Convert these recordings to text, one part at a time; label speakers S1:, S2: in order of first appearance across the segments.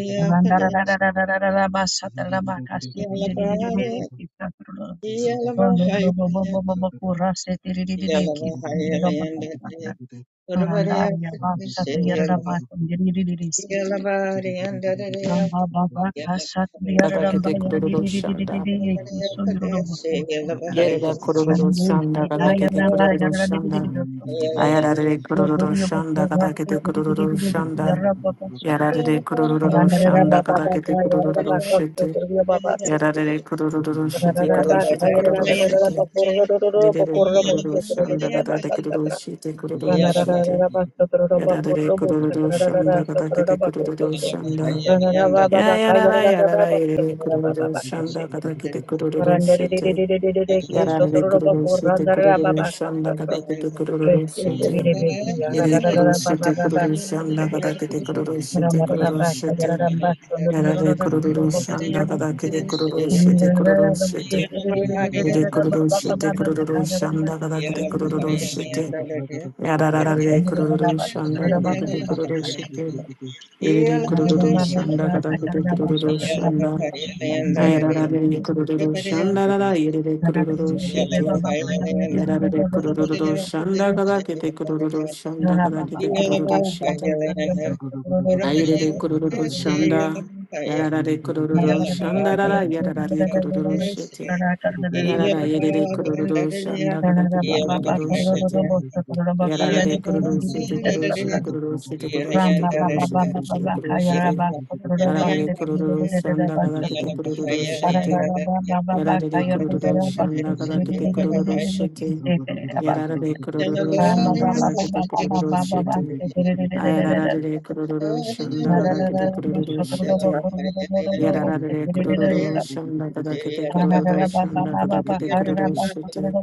S1: Yeah. Yeah.
S2: Kadakete kururu shanda. Yerida kururu shanda kadakete kururu shanda. Ayarare kururu shanda kadakete kururu shanda. Yarare kururu shanda kadakete kururu shete. Yarare kururu shete kururu shete kururu shete. Yerere kururu shanda kadakete kururu shete kururu shete. Yarare kururu shanda kadakete kururu shanda. Yarara yarara yere kururu shanda
S1: Yeah.
S2: kata kete kururu shete. Yarara re kururu shanda kata kete kururu shete. Yere shete kururu shanda kata kete kururu shete kururu shete. Yarara re kururu shanda kata kete kururu shete kururu shete. Yere kururu shete kururu shanda kata kete kururu shete. Yarara re kururu shanda kata kete kururu shete. Yere kururu shanda kata kete kururu shanda. Ayararare kururu shandarara yerere kururu
S1: Yeah.
S2: shete. Yararare kururu shanda kada kete kururu shanda kada kete kururu shete. Ayerere kururu shanda. Yararare kururu shandarara yararare kururu shete. Yarara yerere kururu shanda kada kete kururu shete. Yararare kururu shete kururu shete kururu shete kururu shete kururu shete kururu shete kururu shete. Yararare kururu shanda kada kete kururu shete. Yarare de kururu shanda kada kete kururu shete. Yarare de kururu shanda kada kete kururu shete. Ayarare de kururu shanda kada kururu shete. Yarare de kururu shanda kada kete kururu shanda kada kete kururu shete.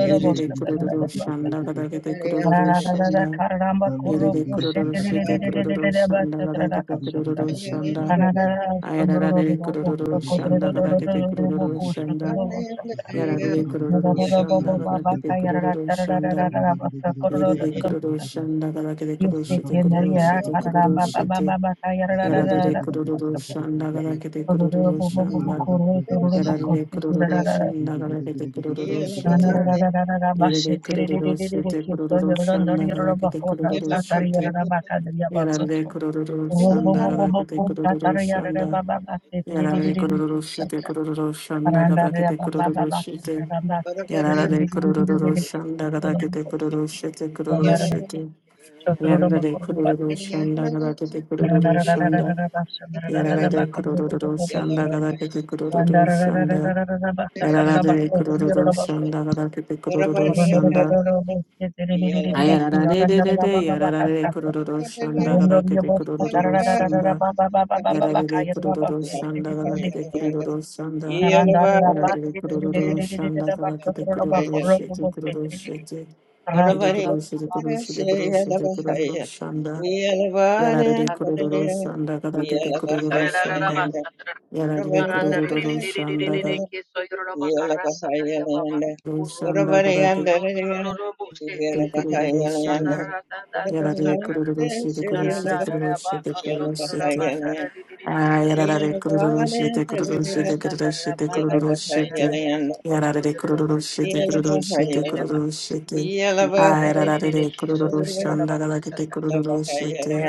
S2: Yere de kururu shanda kada kete kururu shanda. Yere de kururu shete kururu shanda kada kete kururu shanda. Ayarare de kururu shanda kada kete kururu shanda. Yarare kororo shanda gada kete kororo shanda. Yerere kororo shanda gada kete kororo shete kororo shete kororo shete. Yarare de kororo shanda gada kete kororo shanda. Yarare de kororo shanda gada kete kororo shete.
S1: Yeah.
S2: Yerere kororo shete kororo
S1: Yeah.
S2: shanda gada kete kororo shete. Yarare de kororo shanda gada kete kororo shanda. Yarare kororo shete kororo shanda gada kete kororo shete. Yarara de kururu shanda gada kete kururu shete kururu shete. Yarara de kururu shanda gada kete kururu shanda. Yarara de kururu shanda gada kete kururu shanda. Yarara de kururu shanda gada kete kururu shanda. Ayarara de de de de yarara de kururu shanda gada kete kururu shanda. Yarare kururu shanda galakete kururu shanda. Yarare kururu shanda galakete kururu
S1: Bahaya.
S2: shete kururu shete.
S1: Ora
S2: Ede
S1: bari
S2: kururu shete kururu
S1: se
S2: shete kururu
S1: yala
S2: shete kururu
S1: bahaya.
S2: shanda.
S1: Yala bari
S2: Yarare kururu
S1: antaraya.
S2: shanda galakete
S1: Yala
S2: kururu
S1: bahaya
S2: shanda.
S1: yanda. Ora
S2: Yarare
S1: bari kadar
S2: kururu shanda
S1: yala. Yala bahaya yanda.
S2: kururu
S1: Ora
S2: shanda
S1: bari
S2: galakete
S1: antaraya. Yala bahaya
S2: kururu
S1: yanda.
S2: shanda.
S1: Ora bari
S2: Yarare kururu
S1: kadar
S2: shete
S1: se
S2: kururu
S1: yala
S2: shete
S1: bahaya,
S2: kururu shete
S1: Yala
S2: kururu
S1: bahaya
S2: shete.
S1: yanda. Yala
S2: Yarare
S1: bari
S2: kururu shite kururu
S1: antaraya.
S2: shite kururu shite
S1: Yala
S2: kururu
S1: bahaya
S2: shite.
S1: yanda.
S2: Yarare kururu shite
S1: Yala
S2: kururu
S1: bahaya.
S2: shite kururu shite.
S1: Yala bahaya.
S2: Ayarare kururu shanda galakete kururu
S1: Yeah.
S2: shite.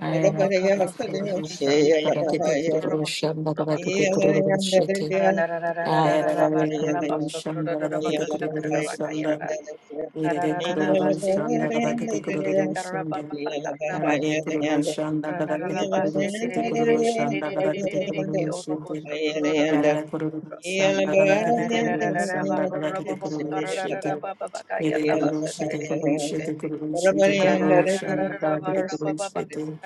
S2: Ayarare kururu shanda galakete kururu shanda galakete kururu shite. Ayarare kururu shanda galakete kururu shanda. Irede kururu shanda kada kete kururu shanda. Yarade kururu shanda kada kete kururu sete kururu shanda kada kete kururu sete. Yarade kururu shanda kada kete kururu shanda kada kete kururu sete. Ede kururu sete kururu sete kururu sete kururu shanda kada kete kururu sete.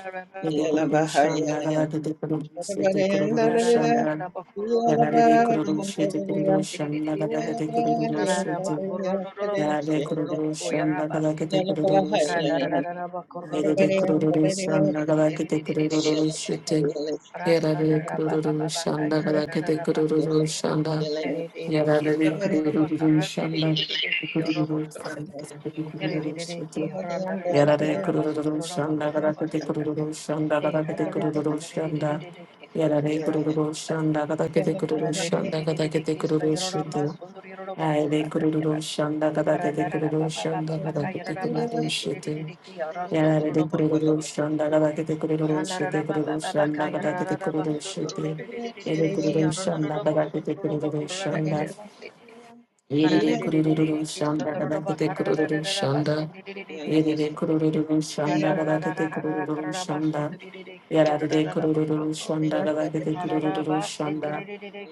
S2: Ede
S1: Yeah.
S2: kururu shanda kada kete kururu sete kururu shanda. Yarade kururu sete kururu shanda kada kete kururu sete. Yade kururushan nagalakete kururushan dana. Yede de kururushan nagalakete kurururushite. Yarade de kururushan nagalakete kururushan da. Yarade de kururushan nagalakete kurururushite. Yarade de kururushan nagalakete kururushan nagalakete kururushan da. Yarade kururushan nagalakete
S1: Yeah.
S2: kururushan nagalakete kurururushite. Ayre kururu shanda kada kete kururu shanda kada kete kururu shete. Yarare de kururu shanda kada kete kururu shete kururu shanda kada kete kururu shete. Yere kururu shanda kada kete kururu shanda. Yere de kururu shanda kada kete kururu shanda. Yere de kururu shanda kada kete kururu shanda. Yarare de kururu shanda kada kete kururu shanda.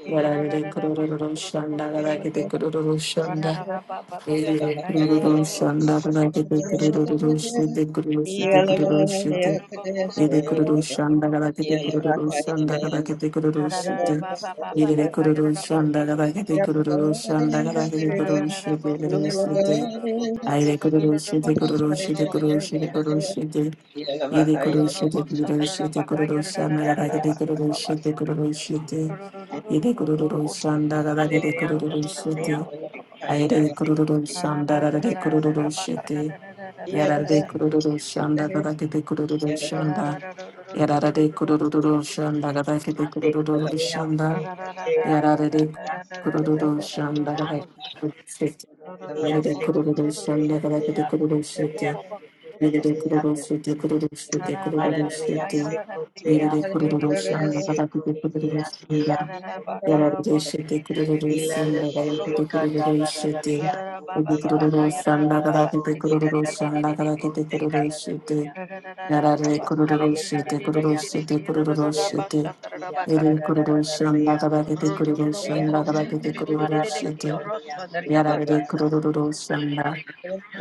S2: Yarare de kururu shanda kada kete kururu shanda. Ere kururu shanda galake te kururu shete kururu shete kururu shete. Ere kururu shanda galake te
S1: Yeah.
S2: kururu shanda galake te kururu shete. Ere kururu shanda galake te kururu shanda galake te kururu shete kururu shete. Aire kururu shete kururu shete kururu shete kururu shete. Ere kururu shete kururu shete kururu shanda galake kururu shete kururu shete. Ere kururu shanda galake
S3: Hallelujah.
S2: kururu shete. Aire kururu shanda rare kururu shete. Yarare kururu shanda kada kete kururu shanda. Yarare kururu shanda kada kete
S3: Mate
S2: kururu
S3: kote
S2: shanda.
S3: amore kote amore
S2: Yarare
S3: yase kote
S2: kururu
S3: nare
S2: shanda kada
S3: yase
S2: kete shete.
S3: amore
S2: Yarare
S3: yase kote
S2: kururu
S3: nare
S2: shanda kada
S3: yase
S2: kete kururu
S3: amore de
S2: shete.
S3: yase kote
S2: Yarare
S3: nare
S2: kururu
S3: yase
S2: shete kururu shete kururu
S3: marare
S2: shete.
S3: yase kote
S2: Yarare
S3: amore de
S2: kururu shanda
S3: yase
S2: kada kete
S3: kote nare
S2: kururu
S3: yase
S2: shanda.
S3: amore yase
S2: Yararishite kururu
S3: ilale
S2: sinda
S3: lele
S2: karakete
S3: kanda
S2: kururu
S3: la la la la
S2: shite.
S3: yako
S2: Kete
S3: yanda
S2: kururu
S3: la la la
S2: sanda
S3: la la
S2: karakete
S3: bote
S2: kururu
S3: kanda la la la
S2: sanda
S3: la
S2: karakete
S3: bote
S2: kururu
S3: kanda la la
S2: shite.
S3: yase
S2: Yarare kururu
S3: Halele
S2: shite kururu
S3: kararaya
S2: shite kururu
S3: sekurelelea
S2: shite.
S3: siti ya
S2: Ere kururu sanda
S3: tararararaya
S2: karakete kururu
S3: prosekutea
S2: sanda karakete kururu shite.
S3: marararararaya
S2: Yarare
S3: kurelelea se.
S2: kururu sanda.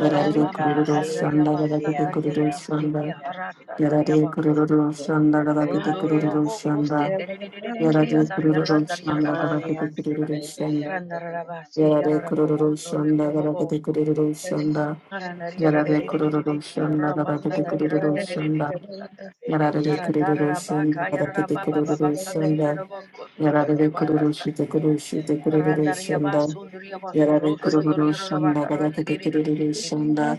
S2: Yarare kururu
S3: halele
S2: sanda
S3: korelea
S2: karakete kururu
S3: pia
S2: sanda.
S3: morelea seko.
S2: Yarare kururu sanda karakete
S3: Halea
S2: kururu sanda.
S3: sekuya tarararaya
S2: Yarare kururu shanda gara
S3: mararaya
S2: kete kururu
S3: sekuya
S2: shanda.
S3: tararararaya
S2: Yarare
S3: borelea
S2: kururu
S3: dea.
S2: shanda gara kete kururu shanda. Yarare kururu
S3: Dea,
S2: shanda gara kete
S3: borelea
S2: kururu
S3: dea,
S2: shanda.
S3: borelea seko.
S2: Yarare kururu shanda gara kete
S3: Maria
S2: kururu
S3: Sikoya
S2: shanda. Yarare kururu shite
S3: Maranaya
S2: kururu shite
S3: Dea
S1: Yeah.
S2: kururu
S3: Moravia
S2: shanda.
S3: Sikotea
S2: Yarare kururu
S3: Motekotea
S2: shanda gara kete
S3: Motekotea
S2: kururu shanda.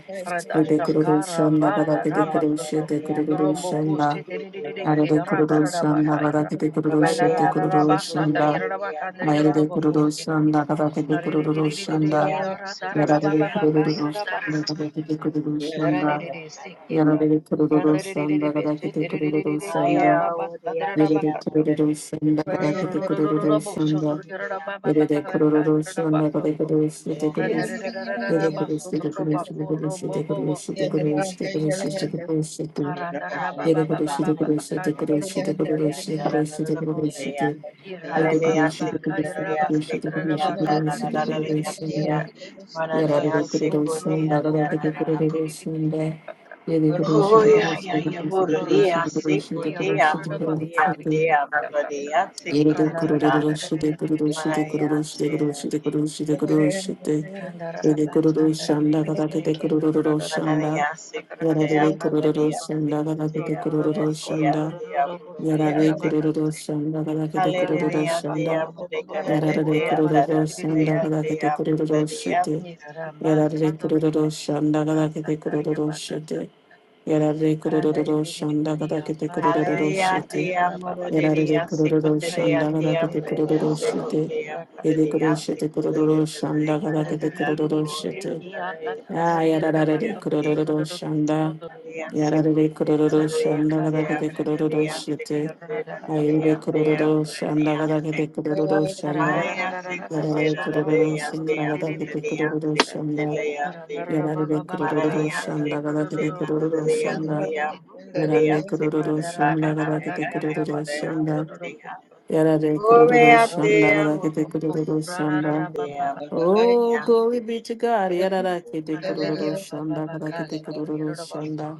S2: Yarare kururu shanda gara kete
S3: Maranaya
S2: kururu
S3: Dea
S2: shite
S3: Dea
S2: kururu
S3: Baba Bate
S2: shanda.
S3: Dea
S2: Yarare kururu shanda gara kururu
S3: Baba Dea
S2: shite kururu shanda.
S3: Mosekotea Dea Dea
S2: Ayerere
S3: Dea
S2: kururu shanda karakete kururu shanda
S3: Ekotea
S2: yararere
S3: Mosekotea
S2: kururu
S3: Moravia
S2: shanda karakete
S3: Sikotea
S2: kururu shanda
S3: Moravia
S2: yararere
S3: Dea
S2: kururu shanda karakete kururu shanda
S3: Hallelujah.
S2: yararere kururu shanda karakete kururu shanda yararere kururu shanda karakete kururu shanda yararere kururu shanda karakete kururu shanda kururu shanda kururu shanda karate de kururu shanda yararere kururu shanda karakete kururu shanda kururu shanda kururu shanda karate de kururu shanda Yedi
S3: Hallelujah,
S2: kuruluşu kuruluşu
S3: Sekudaria,
S2: kuruluşu
S3: Sekuya,
S2: kuruluşu kuruluşu
S3: Tananaya, Tia,
S2: kuruluşunda
S3: Mananaya,
S2: yararlı kuruluşunda
S3: Sekudia,
S2: yararlı kuruluşunda yedi
S3: Oh
S2: kuruluşu
S3: Hoya
S2: kuruluşu
S3: ya ya
S2: kuruluşu kuruluşu kuruluşu
S3: muraria sekuria
S2: kuruluşu
S3: muraria
S2: kuruluşunda
S3: dea
S1: Yeah.
S3: muraria
S2: yedi
S3: sekulenika
S2: kuruluşu kuruluşu kuruluşu
S3: maya
S2: kuruluşu
S3: te
S2: kuruluşu kuruluşunda yedi
S3: sekuria
S2: kuruluşunda
S3: manaria sekuria
S2: yararlı kuruluşunda yararlı kuruluşunda yararlı kuruluşunda yararlı
S3: muraria
S2: kuruluşunda
S3: sekuria muraria dea muraria
S2: yararlı
S3: sekuria Hallelujah,
S2: kuruluşunda
S3: dea muraria
S2: Yarare
S3: dea dea
S2: kururu
S3: dea
S2: shandagada kete
S3: dea
S2: kururu
S3: muraria
S2: shete. Yarare kururu shandagada kete kururu shete. Yarare kururu shandagada kete kururu
S3: Hallelujah,
S2: shete.
S3: dear
S2: Yarare
S3: Murudia,
S2: kururu
S3: Sikotea,
S2: shandagada
S3: dear
S2: kete
S3: Murudia,
S2: kururu shete.
S3: Sikotea,
S2: Yede kururu
S3: Murudia,
S2: shete
S3: Sikulilla,
S2: kururu shandagada kete
S3: Kanada,
S2: kururu
S3: Moya,
S2: shete. Ah, yarare
S3: Sikoya,
S2: kururu shanda.
S3: Alia,
S2: Yarare
S3: Sikotea,
S2: kururu
S3: Murudia,
S2: shandagada
S3: dear
S2: kete kururu
S3: Murudia,
S2: shete.
S3: Sikotea,
S2: Ayere
S3: Murudia, dear
S2: kururu shandagada
S3: Murudia,
S2: kete kururu shanda.
S3: Maya, Sikotea,
S2: Yarare kururu
S3: Murudia, dear
S2: shanda gada kete
S3: Murudia,
S2: kururu shanda.
S3: Sikotea,
S2: Yarare kururu
S3: Malaria se
S2: shanda gada
S3: kute
S2: kete kururu
S3: malaria
S2: shanda.
S3: ya malaria
S2: Yarare
S3: se kule kare
S2: shanda gada
S3: hai
S2: kete
S3: ya ya
S2: kururu
S3: malaria
S2: shanda.
S3: malaria
S2: Yarare kururu
S3: malaria te
S2: shanda gada kete kururu shanda.
S3: te
S2: Oh,
S3: malaria te
S2: glory be to God. Yarara kete kururu shanda gada kete kururu
S3: se
S2: shanda.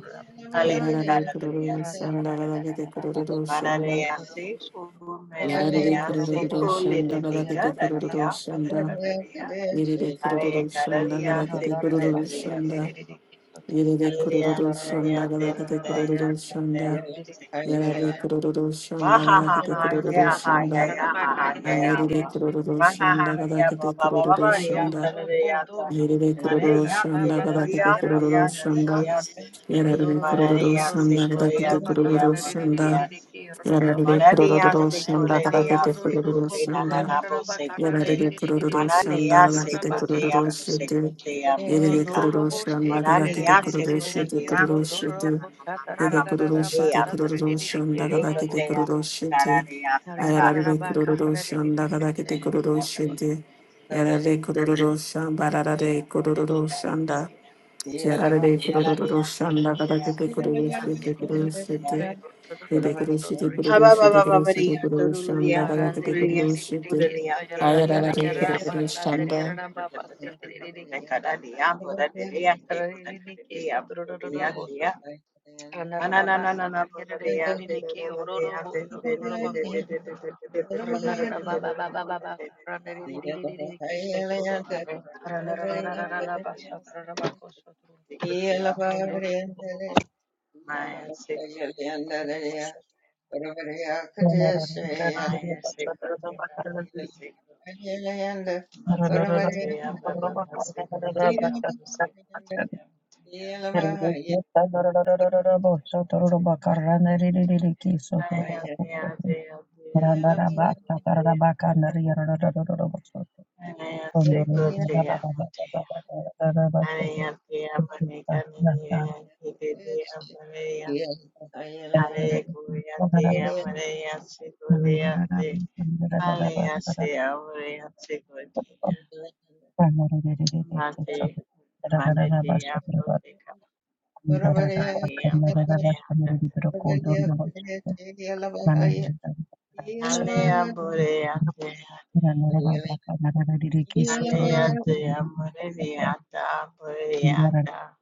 S3: ale de
S2: yarara Yarare
S3: kare malaria
S2: kururu shanda gada kete kururu shanda.
S3: valaria se kule malaria
S2: yarara Yarare
S3: se
S2: kururu
S3: kule malaria se kule de
S2: shanda
S3: de
S2: gada kete
S3: kare
S2: kururu
S3: malaria kule
S2: shanda.
S3: kare malaria
S2: Yerere
S3: ale de
S2: kururu
S3: kare
S2: şanda
S3: malaria se
S2: galakete
S3: kule
S2: kururu
S3: malaria
S2: şanda.
S3: se
S2: Yerere kururu şanda galakete kururu şanda. Yerere kururu şanda galakete kururu şanda. Ayerere kururu şanda galakete kururu şanda. Yerere kururu şanda galakete kururu şanda.
S3: Mananiya
S2: Yerere kururu şanda
S3: sequoia
S2: galakete
S3: tia
S2: kururu
S3: monadia
S2: şanda. Yerere
S3: Mananiya
S2: kururu şanda
S3: sekoleya
S2: galakete kururu
S3: sekote
S2: şanda.
S3: nananabo sekote.
S2: Yarare kururu shanda
S3: Mananiya
S2: galakite
S3: sekote
S2: kururu
S3: yamu
S2: shete.
S3: sekote yamu
S2: Yerere
S3: teka.
S2: kururu shanda
S3: Mananiya
S2: galakite kururu shete
S3: sekoleya
S2: kururu
S3: sekote
S2: shete. Yere
S3: nananabo
S2: kururu shete
S3: leya.
S2: kururu shanda
S3: Medekote
S2: galakite
S3: yamu
S2: kururu shete.
S3: tekarareya seka.
S2: Ayarare kururu shanda galakite kururu
S3: Menaniya
S2: shete.
S3: sekote
S2: Yarare kururu shamba rarare
S3: yamu
S2: kururu
S3: leya.
S2: shanda. Yarare kururu
S3: Mananiya
S2: shanda
S3: sekote
S2: kada
S3: yamu
S2: kete kururu
S3: leya
S2: shite
S3: sekote
S2: kururu
S1: Yeah.
S2: shite. Vede kururu shite kururu shite kururu shite
S3: Habababababariya,
S2: kururu
S3: dororiya,
S2: shanda kada kete
S3: bororiya,
S2: kururu shite.
S3: sikoriya, deya,
S2: Ayarare
S3: bororiya,
S2: kururu shanda
S3: sikotetetetetetetetetete, borekadariya, boradiriya, dekoteteteteya, bororiya, deya, mananananana, bororiya, derororiya, derererereretetetetetetetetetetetetetetetete, bororiya, bororiya, siko- sikoteya, bororiya, maya, sikoya, Maya Sekotea Baba Sekotea Masekotea Baba Masekotea Masekotea Matea
S1: Yeah. Yeah.
S3: Maya Dea Dea Dea Masekotea Maya Sekotea Matea Maya Dea Manika Nina Kite Dea Maria Maya Hare Kuya Dea Maya Sekotea Aliasia Orientia godia, Mate Manadea Bodhica Madea Madea Dada Alea Borea Alea Dea Monadiata Boreata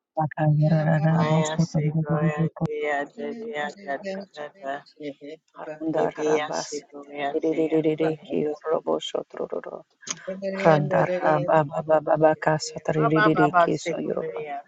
S3: Maya Sigoya Dea Dea Dada Dada Maybe a Sigoya Dea Borea Sigoya Borea Baba Baba Sigoya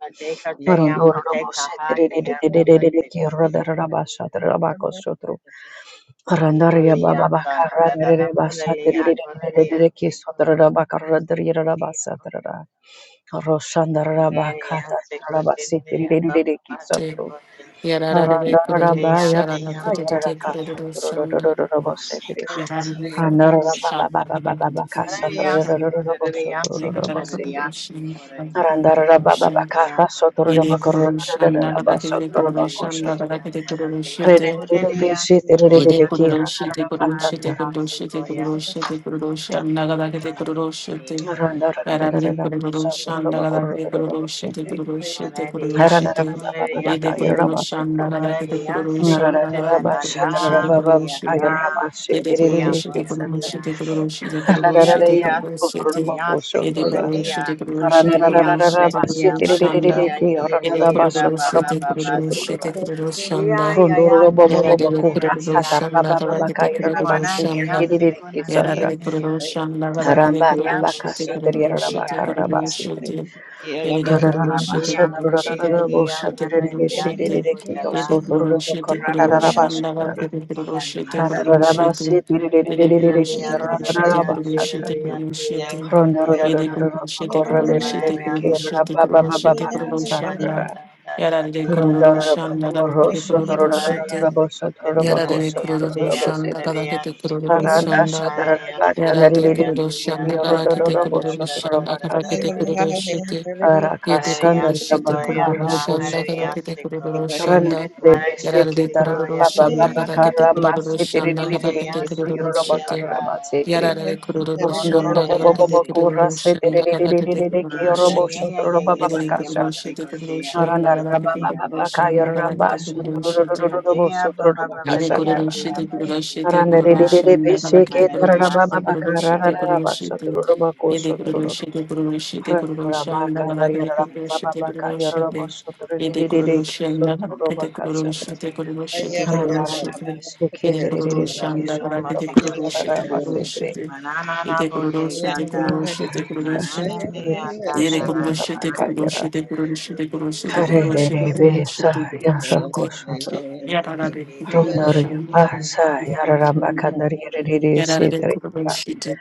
S3: Madeka te amo te kaha te amo te kote amo te amo Igolia da da da da da bolelia golelia secolia secolia bolelia molelia secotelia baba baba
S2: te.
S3: secote
S2: Yarare kururu
S3: bolia
S2: sharana
S3: tia
S2: kete kete
S3: molelia
S2: kururu shanda. Yarare
S3: mosecatia
S2: kururu
S3: mose
S2: shanda kada kete kururu
S3: molelia
S2: shanda.
S3: secotelia
S2: Yarare
S3: secotelia
S2: kururu shanda kada
S3: secotelia
S2: kete kururu shanda.
S3: lia
S2: Yere
S3: bolelia
S2: kururu
S3: baba
S2: shanda
S3: baba
S2: kada kete
S3: baba
S2: kururu shanda kada
S3: secotelia
S2: kete kururu
S3: bolelia
S2: shite.
S3: bolelia
S2: Ede
S3: secoia ta.
S2: kuruluşu de kuruluşu
S3: Ay,
S2: de
S3: hace
S2: kuruluşu de
S3: goya,
S2: kuruluşu de kuruluşu anlagadaki de kuruluşu
S3: Manayante
S2: de
S3: yamate
S2: yarar
S3: kate
S2: de
S3: yamate
S2: kuruluşu
S3: komi.
S2: anlagadaki de kuruluşu de kuruluşu de kuruluşu
S3: Manariyase
S2: de Ede
S3: kulariyante.
S2: kuruluşu anlagadaki de
S3: Manariyase
S2: kuruluşu
S3: kote
S2: anlagadaki de
S3: nanada
S2: kuruluşu de kuruluşu
S3: yata
S2: de Ede
S3: tete
S2: kuruluşu de
S3: yamaradeya.
S2: kuruluşu de kuruluşu de kuruluşu de
S3: Mateya
S2: kuruluşu de
S3: tururiyase
S2: Ede
S3: kulaliya.
S2: kuruluşu de kuruluşu de
S3: Mateya
S2: kuruluşu de
S3: muradeya
S2: kuruluşu anda
S3: maradeya yeye
S2: Ede
S3: yeye baba
S2: kuruluşu de
S3: baba
S2: kuruluşu
S3: baseko.
S2: de kuruluşu anda
S3: Iya iya ya
S2: Yara
S3: buseko
S2: dele kuru
S3: lirariya.
S2: roshan la gada kete kuru roshan la
S3: Manariyase
S2: yara dele kuru
S3: kunanananeya.
S2: roshan la gada kete kuru
S3: Ya
S2: roshete kuru
S3: buseko teya
S2: roshete kuru roshete yere de kuru
S1: Yeah.
S2: roshete
S3: Matea
S2: kuru
S3: mojea
S2: roshete kuru
S3: yea
S2: roshete
S3: bula
S2: kuru
S1: Yeah.
S3: dia
S2: roshete yere de
S3: decotela
S2: kuru roshete kuru roshan la gada kete kuru
S3: milania
S2: roshete kuru
S3: sico.
S2: roshete yere de kuru roshete
S3: Ilalia
S2: kuru roshete
S3: nodoria
S2: kuru roshete
S3: delia
S2: kuru
S3: dea
S2: roshete yere de
S3: monodiata.
S2: kuru roshete kuru roshete kuru
S3: Marania
S2: roshete
S3: sico
S2: kuru roshete
S3: yatea
S2: kuru
S3: dea
S2: roshan
S3: da
S2: la
S3: da da
S2: yara
S3: da da
S2: dele
S3: da
S2: kuru
S3: da da
S2: roshan la
S3: da.
S2: gada kete kuru roshete
S3: Marania sico
S2: Yara de
S3: tenanania
S2: kururu
S3: dea
S2: shanda kada kete
S3: bodariate.
S2: kururu shanda.
S3: Marania
S2: Yara
S3: sico
S2: de kururu
S3: yatea
S2: shanda
S3: da
S2: kada
S3: da
S2: kete
S3: da da
S2: kururu
S3: da
S2: shanda
S3: da
S2: kada
S3: da
S2: kete
S3: da da da.
S2: kururu shite. Yete
S3: Marania
S2: kururu
S3: sico
S2: shite kururu
S3: yata
S2: shanda kada
S3: harania
S2: kete kururu shanda. Yara de kururu shanda
S3: Manayasikoyate.
S2: kada kete kururu shanda kada kete kururu shite.
S3: Manayasikoyata.
S2: Yara de kururu shanda kada kete
S3: Manayasika.
S2: kururu shanda kada kete kururu shite. Yete
S3: Mahayayayayayaya.
S2: kururu shite kururu
S3: Vatekoteya.
S2: shanda kada kete
S3: Vatekoteya.
S2: kururu shanda kada
S3: Vatekoteya.
S2: kete kururu shite.
S3: Mateya baba baba
S2: Yede
S3: deya deya
S2: kururushite
S3: baba deya
S2: kururushite
S3: deya.
S2: kururushanda kadakite kururushite
S3: Manayasikoteya.
S2: kururushite kururushite
S3: Vatekoteya.
S2: yede kururushite kururushite kururushanda kadakite
S3: Mateya.
S2: kururushite kururushite yede kururushanda kadakite kururushite
S3: Vatekoteya.
S2: kururushite
S3: Manaya.
S2: kururushite yede kururushanda
S3: Bateya.
S2: kadakite
S3: Vatekoteya.
S2: kururushite kururushite
S3: Manana
S2: yede
S3: bote
S2: kururushite kururushite
S3: Na na
S2: kururushite
S3: na na ya ta
S2: Yere
S3: na na
S2: kurulu
S3: na
S2: şete
S3: na do
S2: kurulu
S3: de de
S2: şete kurulu
S3: de de
S2: şete
S3: de
S2: kurulu
S3: de
S2: şete
S3: de
S2: kurulu
S3: de
S2: şete
S3: de de
S2: kurulu şete
S3: de.
S2: kurulu şete
S3: Ba de de de de
S2: yarara be
S3: de de
S2: kurulu
S3: ya bo
S2: şanda
S3: de ya bo. I
S2: yarara
S3: see.
S2: be kurulu şete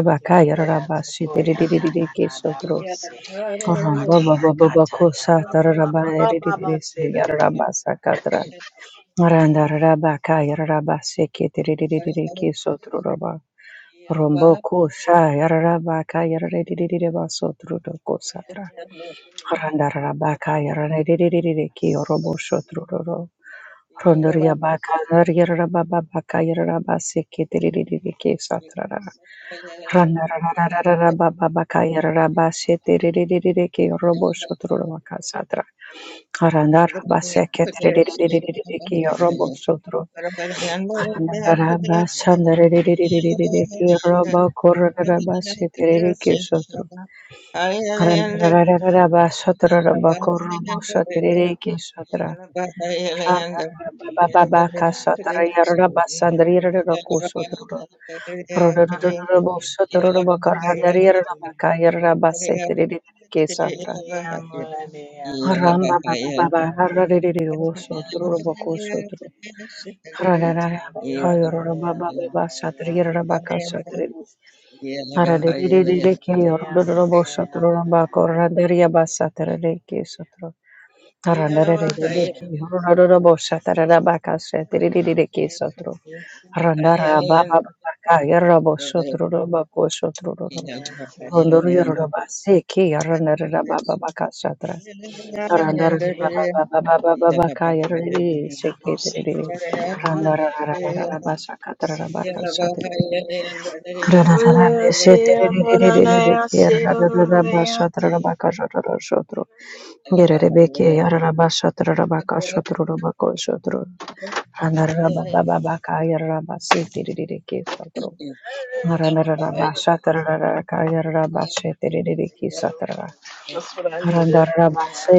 S3: Particularly at Sequoia Tanana da Bose, Matea Gata da Baba Baba
S1: Yeah.
S3: Baba Baba Sedalia da Sequoia
S1: Yeah.
S3: Mateo, Mateo, Mateo, Mateo, Mateo. Medea Maria, Maria, Medea Maria, I am
S1: Yeah.
S3: Ole, Hey,
S1: Yeah,
S3: I'm so glad you brought some Congress. Thank you, Lord Jesus. You do. That's what I needed. Yeah.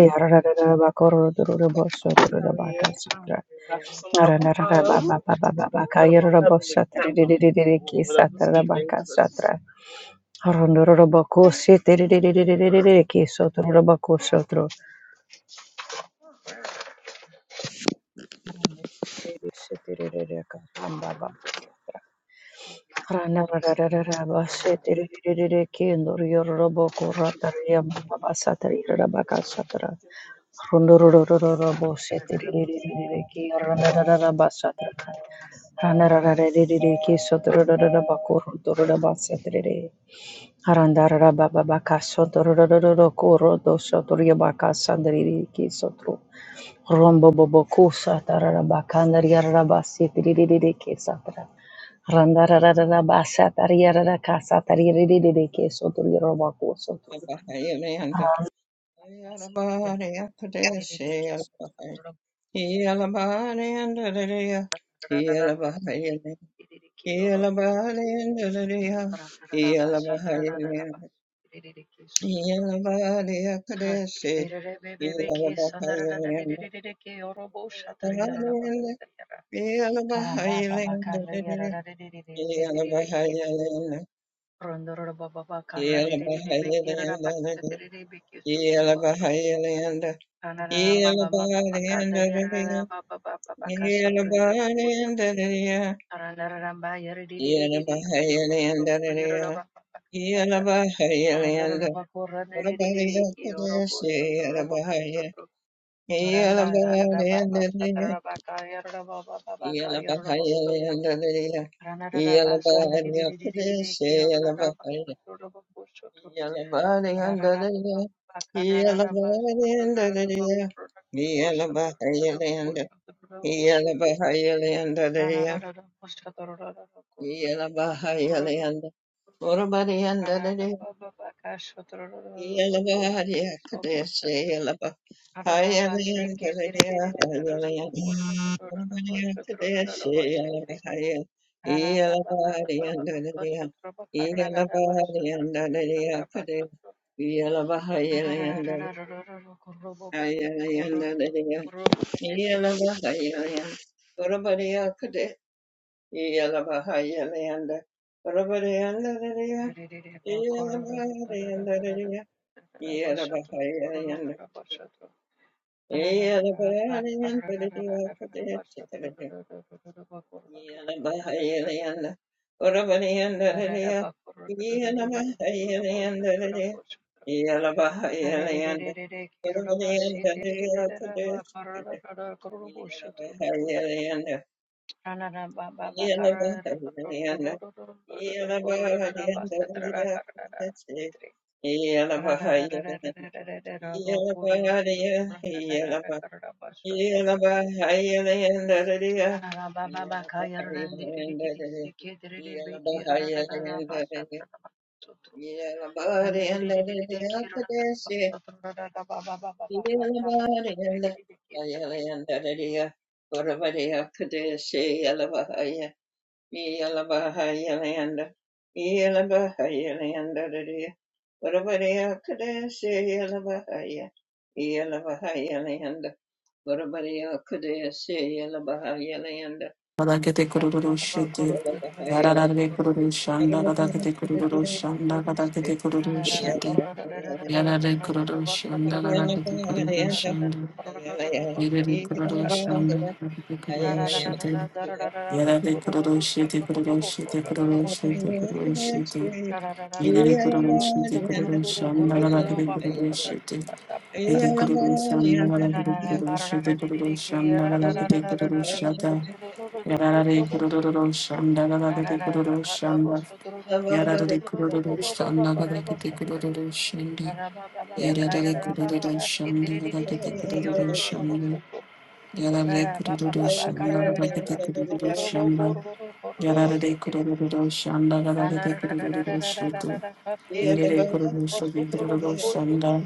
S3: How are you? I'm Got you good. some welcome autumn. We're gonna warm it up. in the not warm it up, but we'll warm it up this evening. evening. 'cause it's- just Yeah, No, it's okay. I think that I'm also good.
S1: Yelabahayalayanda, Yelabahayalayandadadaya, Yelabahayalayandadadaya, Yelabahayalayandadadaya, Yelabahayalayanda, Yelabahayalayandadadaya, Yelabahaya, Yelabahayalayandadadaya, Yelabahayalayandadadaya, Yelabahayalayandadadaya, Yelabahaya, Yelabahayalayandadadaya, Yelabahayalayandadadaya, Yelabahayalayanda. Iyalabahayalayandadadiya. Iyalabahayalayanda. Orabariyandadadiya. Iyalabahariya kadeshe yalabahayalayandadadiya. Hayalayanda. Orabariya kadeshe yalabahaya. Iyalabahariyandadadiya. Iyalabahariyandadadiya kades- Iyalabahayalayanda- Hayalayandadadiya. Iyalabahayalayanda. Orabariya kades- Yelabahayalayanda, Rabadeyandaradaya, Yelabahayalayandadadaya, Yelabahayalayanda, Yelabahayalayandadadaya, Kadayachikaradaya, Yelabahayalayanda, Rabadeyandaradaya, Yelabahayalayandadadaya, Yelabahayalayanda, Rabadeyandaradaya, Kadayachikaradaya, Yeah, Yalabahaya, Yelabahayalayanda, Yelabahayalayanda, Varabariya Kadesha Yelabahaya, Yelabahayalayanda, Varabariya Kadesha Yelabahayalayanda,
S2: kadakete
S4: Rara,
S2: kurulu şete
S1: Yelabahayalayanda,
S2: yarara be kurulu şanda
S1: Varabariya
S2: kadakete kurulu şanda
S1: Kadesha
S2: kadakete kurulu şete
S1: Yelabahayalayanda,
S2: yarara be kurulu şanda kadakete kurulu
S1: Yelabahayalayanda, Ayalayanda,
S2: yere be kurulu
S1: Yelabahayalayanda,
S2: kadakete kurulu
S1: Ayalayanda,
S2: yarara be kurulu şete kurulu şete Yedek kuruluşun tek kuruluşun dağla kadar kuruluşu tek. Yedek kuruluşun dağla kadar kuruluşu tek kuruluşun dağla kadar kuruluşu da. Yararı kuruluşun dağla kadar
S4: karabosu,
S2: kuruluşun da.
S4: karabosu, durururu
S2: Yararı
S4: kurururu bu bu bu bu
S2: kuruluşun
S4: bu
S2: dağla kadar kuruluşun da. Yararı kuruluşun dağla kadar
S4: karabosu, durururu.
S2: kuruluşun da.
S4: Araba ba ba ba kaya
S2: Yararı
S4: raba ba, ba
S2: kuruluşun dağla
S4: sitiriririririri
S2: kadar kuruluşun
S4: kiyorururu bosu
S2: da.
S4: tum.
S1: Yeah.
S2: Yararı
S4: Raba ba ba, ba
S2: kuruluşun dağla kadar
S4: karararara kurururu bu
S2: kuruluşun
S4: kurururu kurururu bu sitiri. Ranararararara
S2: da. Yerere kururu şobi kururu şanda.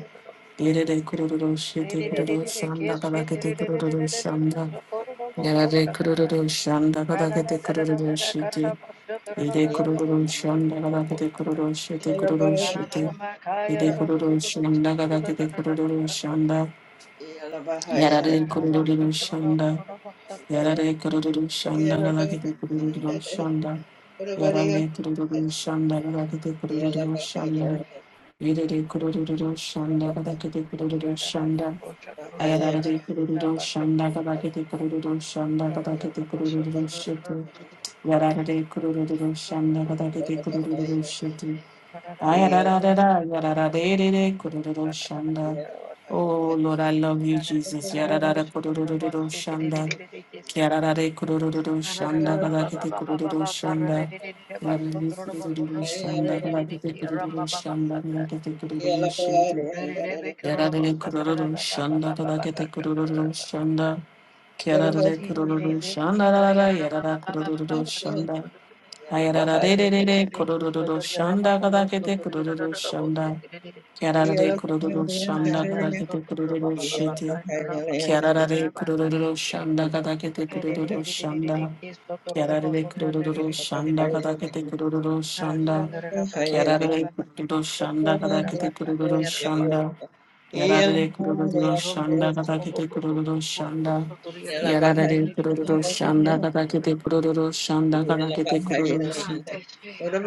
S2: Yerere kururu şete kururu şanda kadakete kururu şanda. Yerere kururu şanda kadakete kururu
S4: ranarararara
S2: şete.
S4: karabosu durururu
S2: Yere kururu
S4: kurururu
S2: şanda
S4: kurururu
S2: kadakete
S4: kursa.
S2: kururu şete kururu şete. Yere kururu şanda kadakete kururu şanda. Yerere kururu şanda. Yerere kururu şanda
S1: Yeah.
S2: kadakete kururu şanda. Yerere kururu şanda kadakete kururu şanda. Yedede kurururu shanda kadakete kurururu shanda. Ayadadade kurururu shanda kadakete kurururu shanda kadakete kurururu shitu. Yadadade kurururu shanda kadakete kurururu shitu.
S1: What
S2: Ayadadadada yadadadadede kurururu shanda. Oh Lord, I love you, Jesus. Yadadada kurururu shanda. Kiarare kurururu shanda kadakete kurururu shanda. Yarare kurururu shanda kadakete kurururu shanda kadakete kurururu shiti. Yarare kurururu shanda kadakete kurururu shanda. Kiarare kurururu shanda rara yarara kurururu shanda. Ayarara
S1: about
S2: re re re re kurururu shanda kadakete kurururu shanda. Kiarare kurururu shanda kadakete kurururu shiti. Kiarare kurururu shanda kadakete kurururu shanda. Kiarare kururu shanda kadakete kururu shanda. Kiarare kururu shanda kadakete kururu shanda. Yarare kururu shanda kadakete kururu shanda. Yarare kururu shanda kadakete kururu shanda kadakete kururu shanda.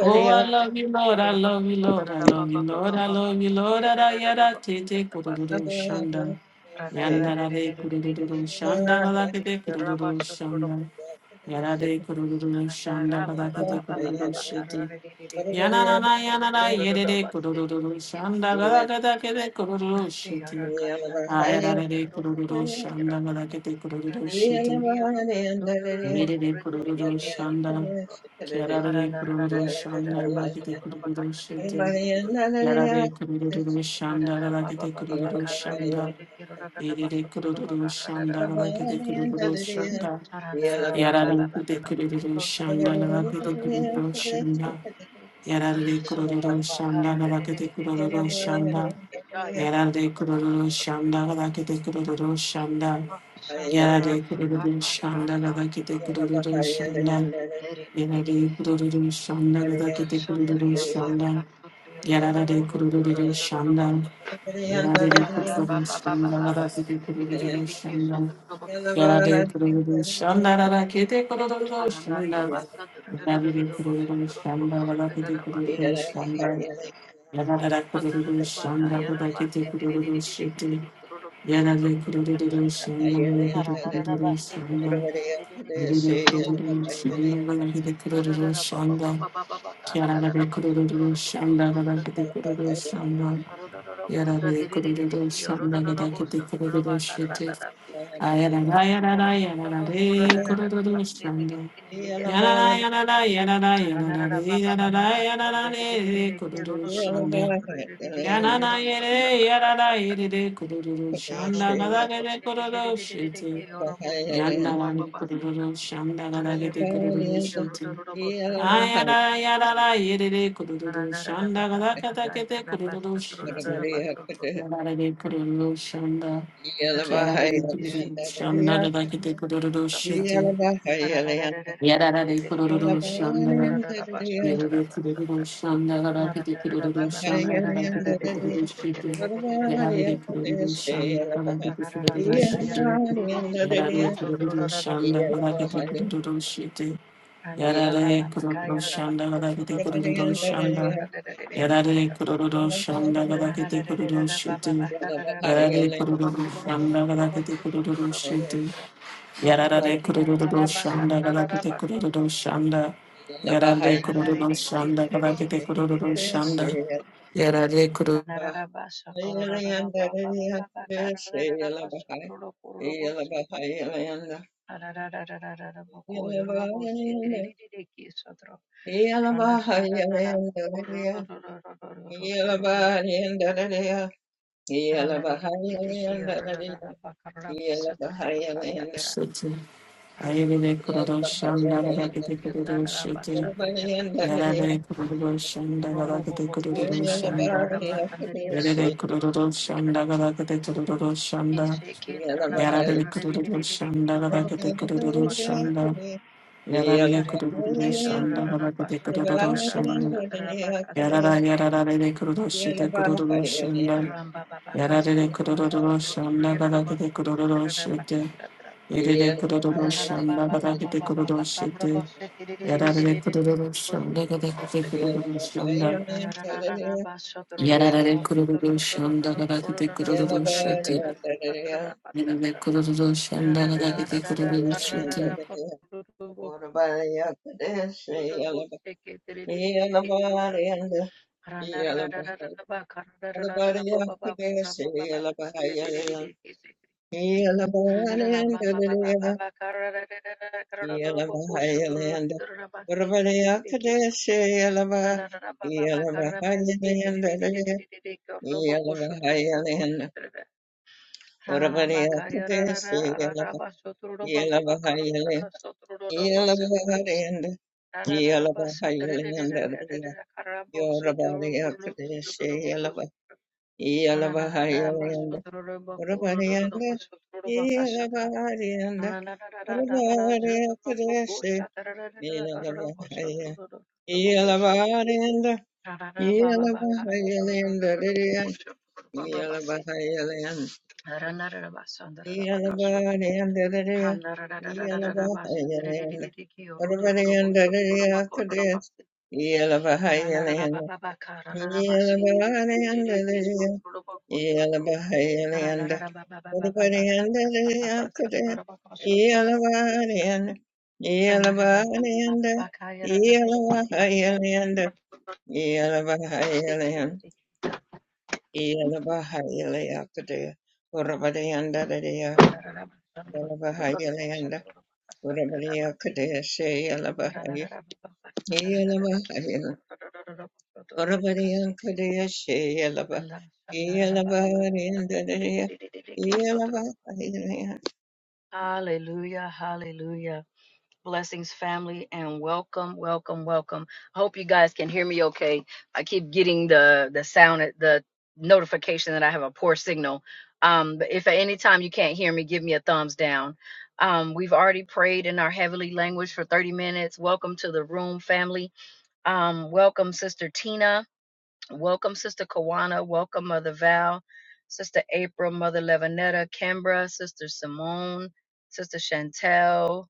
S2: Oh, I love you, Lord. I
S4: Raba
S2: love you,
S4: bosu
S2: Lord. I
S4: durururu ba
S2: love you,
S4: ba ba,
S2: Lord.
S4: ba
S2: I
S4: ba ba
S2: love you, Lord. Ara
S4: karararara
S2: yara
S4: bosu
S2: tete kururu shanda. Yandara de kururu shanda kadakete kururu shanda. Yarade kurururu shanda kadakete kurururu shete. Yanana
S1: Yeah.
S2: yanana yedede kurururu shanda
S1: Yeah.
S2: kadakete kurururu shete. Ayarade kurururu shanda kadakete kurururu shete. Yedede kurururu shanda. Yarade kurururu shanda kadakete kurururu shete. Yarade kurururu shanda kadakete kurururu shanda. Yedede kurururu shanda kadakete kurururu shanda. Yarara de kururu shanda la vake de kururu shanda. Yarara de kururu shanda la vake de kururu shanda. Yarara de kururu shanda la vake de kururu shanda. Yarara de kururu shanda la vake de kururu shanda. Yarara de kururu shanda la vake de kururu
S4: Shandriya
S2: shanda.
S4: Baka Sundriya
S2: Yarara
S4: Robokoro
S2: kururu shanda.
S4: Roboso
S2: Yarara de kururu shanda
S4: Baba
S2: la vake de kururu shanda. Yarara de kururu shanda la vake de kururu
S4: Arandaria
S2: shanda.
S4: Basa
S2: Navire
S4: Roboso
S2: kururu shamba
S4: Robokoro
S2: valakite kururu shamba
S4: Basetiso
S2: yadara
S4: Sandra
S2: kururu
S4: Baka
S2: shamba valakite
S4: Yarabasi
S2: kururu shiti
S4: Robokos
S2: yadare kururu shamba valakite kururu
S4: Aranarabasi
S2: shamba yadare kururu shamba valakite kururu shamba yadare kururu shamba valakite kururu shamba yadare kururu shamba valakite kururu shiti ayadara ayadara ayadara kururu shamba Yanana yanana yanana yanana de, yanana yanana de, de, kuduru shanda.
S1: Yeah.
S2: Yanana yere yanana yere de, kuduru shanda gada gede kuduru shiti. Yandana de, kuduru shanda gada gede kuduru shiti. Ayana yanana yere de, kuduru shanda gada gada gede kuduru shiti. Yanana de, kuduru shanda. Kiara gede kuduru shanda gada gede kuduru shiti. Yarara de, kuduru shanda Yarare
S1: Yeah. Yeah.
S2: Yarada de Kurudu Shanda Galakate Kurudu Shanda. Yarada de Kurudu Shanda Galakate Kurudu Shanda. Yarada de Kurudu City. Ayere de Kurudu Shanda Galakate Kurudu City. Yarada de Kurudu Shanda Galakate Kurudu
S1: Yeah.
S2: Shanda. Yere de Kurudu Shanda Galakate Kurudu Shanda. Yarada de Kurudu Shanda Galakate Kurudu Shanda. Yarada de Kurudu Shanda Galakate Kurudu Shanda. Yarara yarara de kururoshi de kururoshanda. Yarare de kururoshanda kada de kururoshite. Yere de kururoshanda kada de kururoshite. Yarare de kururoshanda kada de kururoshanda. Yarare de kururoshanda kada de kururoshite. Yere de kururoshanda kada de kururoshite.
S1: Yalla Yeah, Yalabari Akadesi Yalaba Yalabahayalanda. Orabariyanda, iyalabariyanda, orabariya kudeshe, iyalabariya, iyalabariyanda, iyalabariyanda liriya, iyalabariyanda, iyalabariyanda liriya, iyalabariyanda, orabariyanda liriya kudeshe, iyalabariyanda, iyalabariyanda liriya, iyalabariyanda Yellow, Hello,
S4: Um, welcome, Sister Tina. Welcome, Sister Kawana. Welcome, Mother Val. Sister April, Mother Levinetta, Kimbra, Sister Simone, Sister Chantel,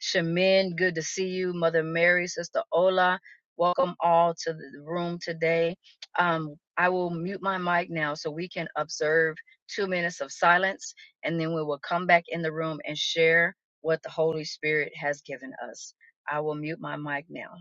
S4: Shamin, good to see you. Mother Mary, Sister Ola, welcome all to the room today. Um, I will mute my mic now so we can observe two minutes of silence and then we will come back in the room and share what the Holy Spirit has given us. I will mute my mic now.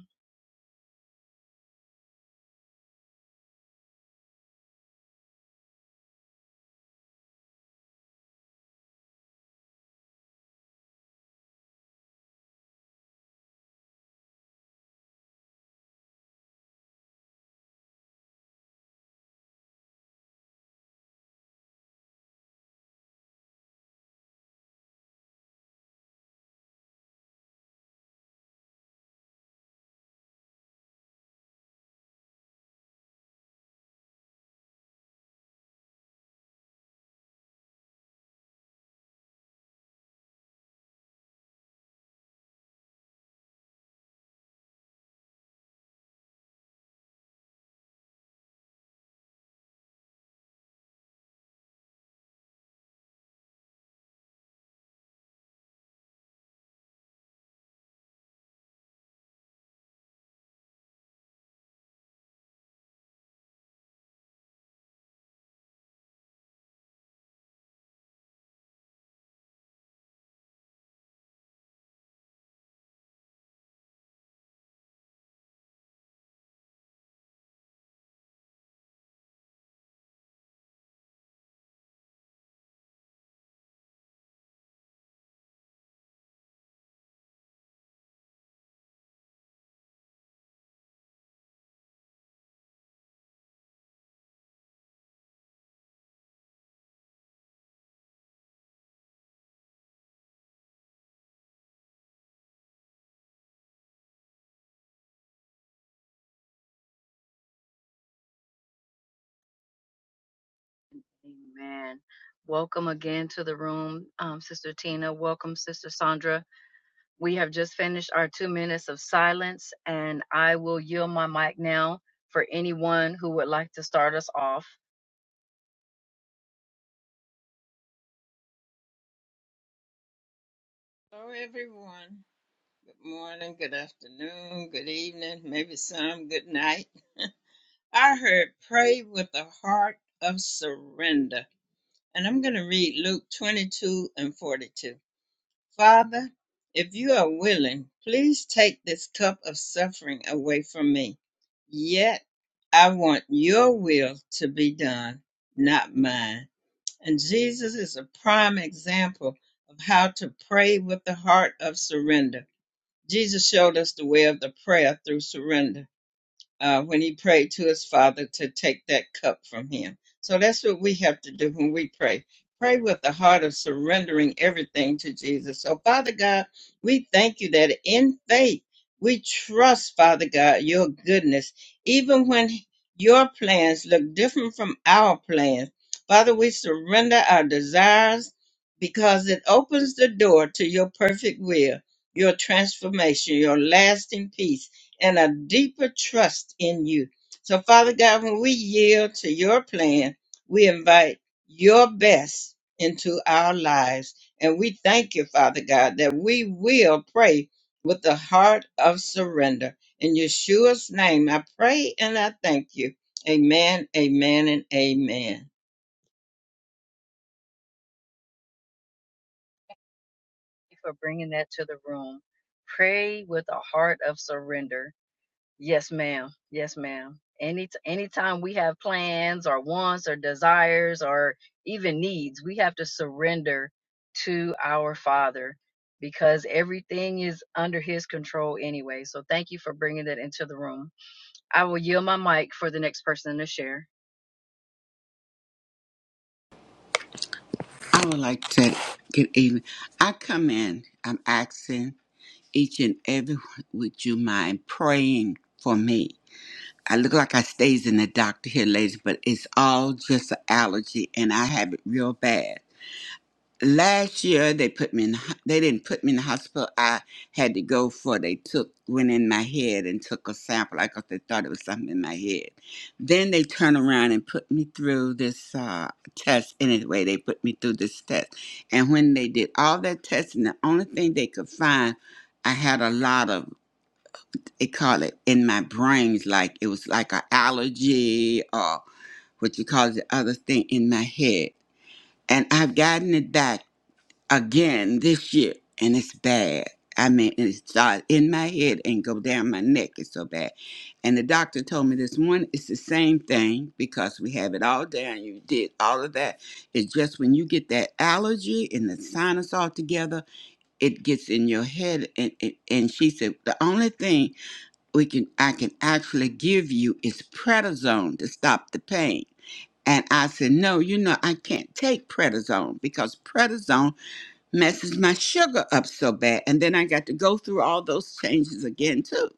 S4: Amen. Welcome again to the room, um, Sister Tina. Welcome, Sister Sandra. We have just finished our two minutes of silence, and I will yield my mic now for anyone who would like to start us off
S1: everyone. Good morning, good afternoon, good evening, maybe some good night. I heard pray with a heart of surrender. And I'm going to read Luke 22 and 42. Father, if you are willing, please take this cup of suffering away from me. Yet I want your will to be done, not mine. And Jesus is a prime example of how to pray with the heart of surrender Jesus showed us the way of the prayer through surrender uh, when he prayed to his father to take that cup from him. So that's what we have to do when we pray. Pray with the heart of surrendering everything to Jesus. So, Father God, we thank you that in faith we trust, Father God, your goodness, even when your plans look different from our plans. Father, we surrender our desires because it opens the door to your perfect will, your transformation, your lasting peace and a deeper trust in you. So, Father God, when we yield to your plan, we invite your best into our lives. And we thank you, Father God, that we will pray with the heart of surrender. In Yeshua's name, I pray and I thank you. Amen, amen, and amen.
S4: Thank you for bringing that to the room. Pray with a heart of surrender. Yes, ma'am. Yes, ma'am. Any anytime we have plans or wants or desires or even needs, we have to surrender to our Father because everything is under His control anyway. So thank you for bringing that into the room. I will yield my mic for the next person to share.
S5: I would like to good evening. I come in, I'm asking each and every one, would you mind praying for me? I look like I stays in the doctor here, ladies, but it's all just an allergy and I have it real bad last year they put me in the ho- they didn't put me in the hospital i had to go for they took went in my head and took a sample i thought they thought it was something in my head then they turned around and put me through this uh, test anyway they put me through this test and when they did all that testing the only thing they could find i had a lot of they call it in my brains like it was like an allergy or what you call the other thing in my head and i've gotten it back again this year, and it's bad. I mean, it started in my head and go down my neck. It's so bad. And the doctor told me this morning it's the same thing because we have it all down. You did all of that. It's just when you get that allergy and the sinus all together, it gets in your head. And, and, and she said the only thing we can I can actually give you is prednisone to stop the pain. And I said, no, you know, I can't take prednisone because prednisone messes my sugar up so bad. And then I got to go through all those changes again too.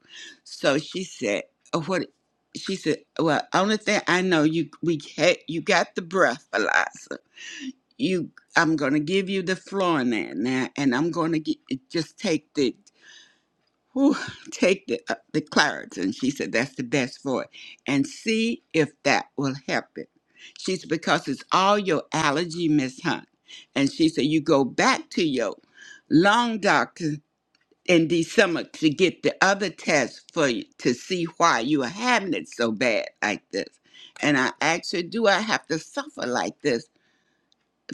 S5: So she said, "Uh, "What?" She said, "Well, only thing I know you we had, you got the breath, Eliza. You, I'm gonna give you the Florinane now, and I'm gonna get, just take the whew, take the, uh, the Clarence. And she said, that's the best for it. And see if that will help it. She said, because it's all your allergy, Miss Hunt. And she said, you go back to your lung doctor in December to get the other test for you to see why you are having it so bad like this. And I asked her, do I have to suffer like this?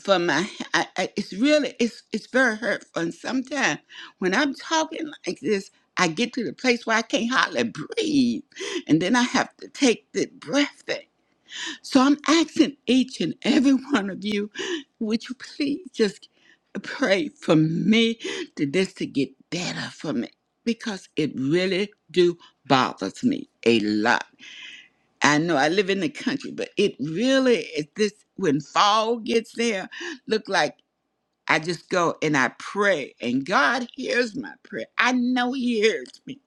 S5: for my I, I, it's really it's it's very hurtful and sometimes when i'm talking like this i get to the place where i can't hardly breathe and then i have to take the breath thing so i'm asking each and every one of you would you please just pray for me to this to get better for me because it really do bothers me a lot i know i live in the country but it really is this when fall gets there look like I just go and I pray, and God hears my prayer. I know He hears me.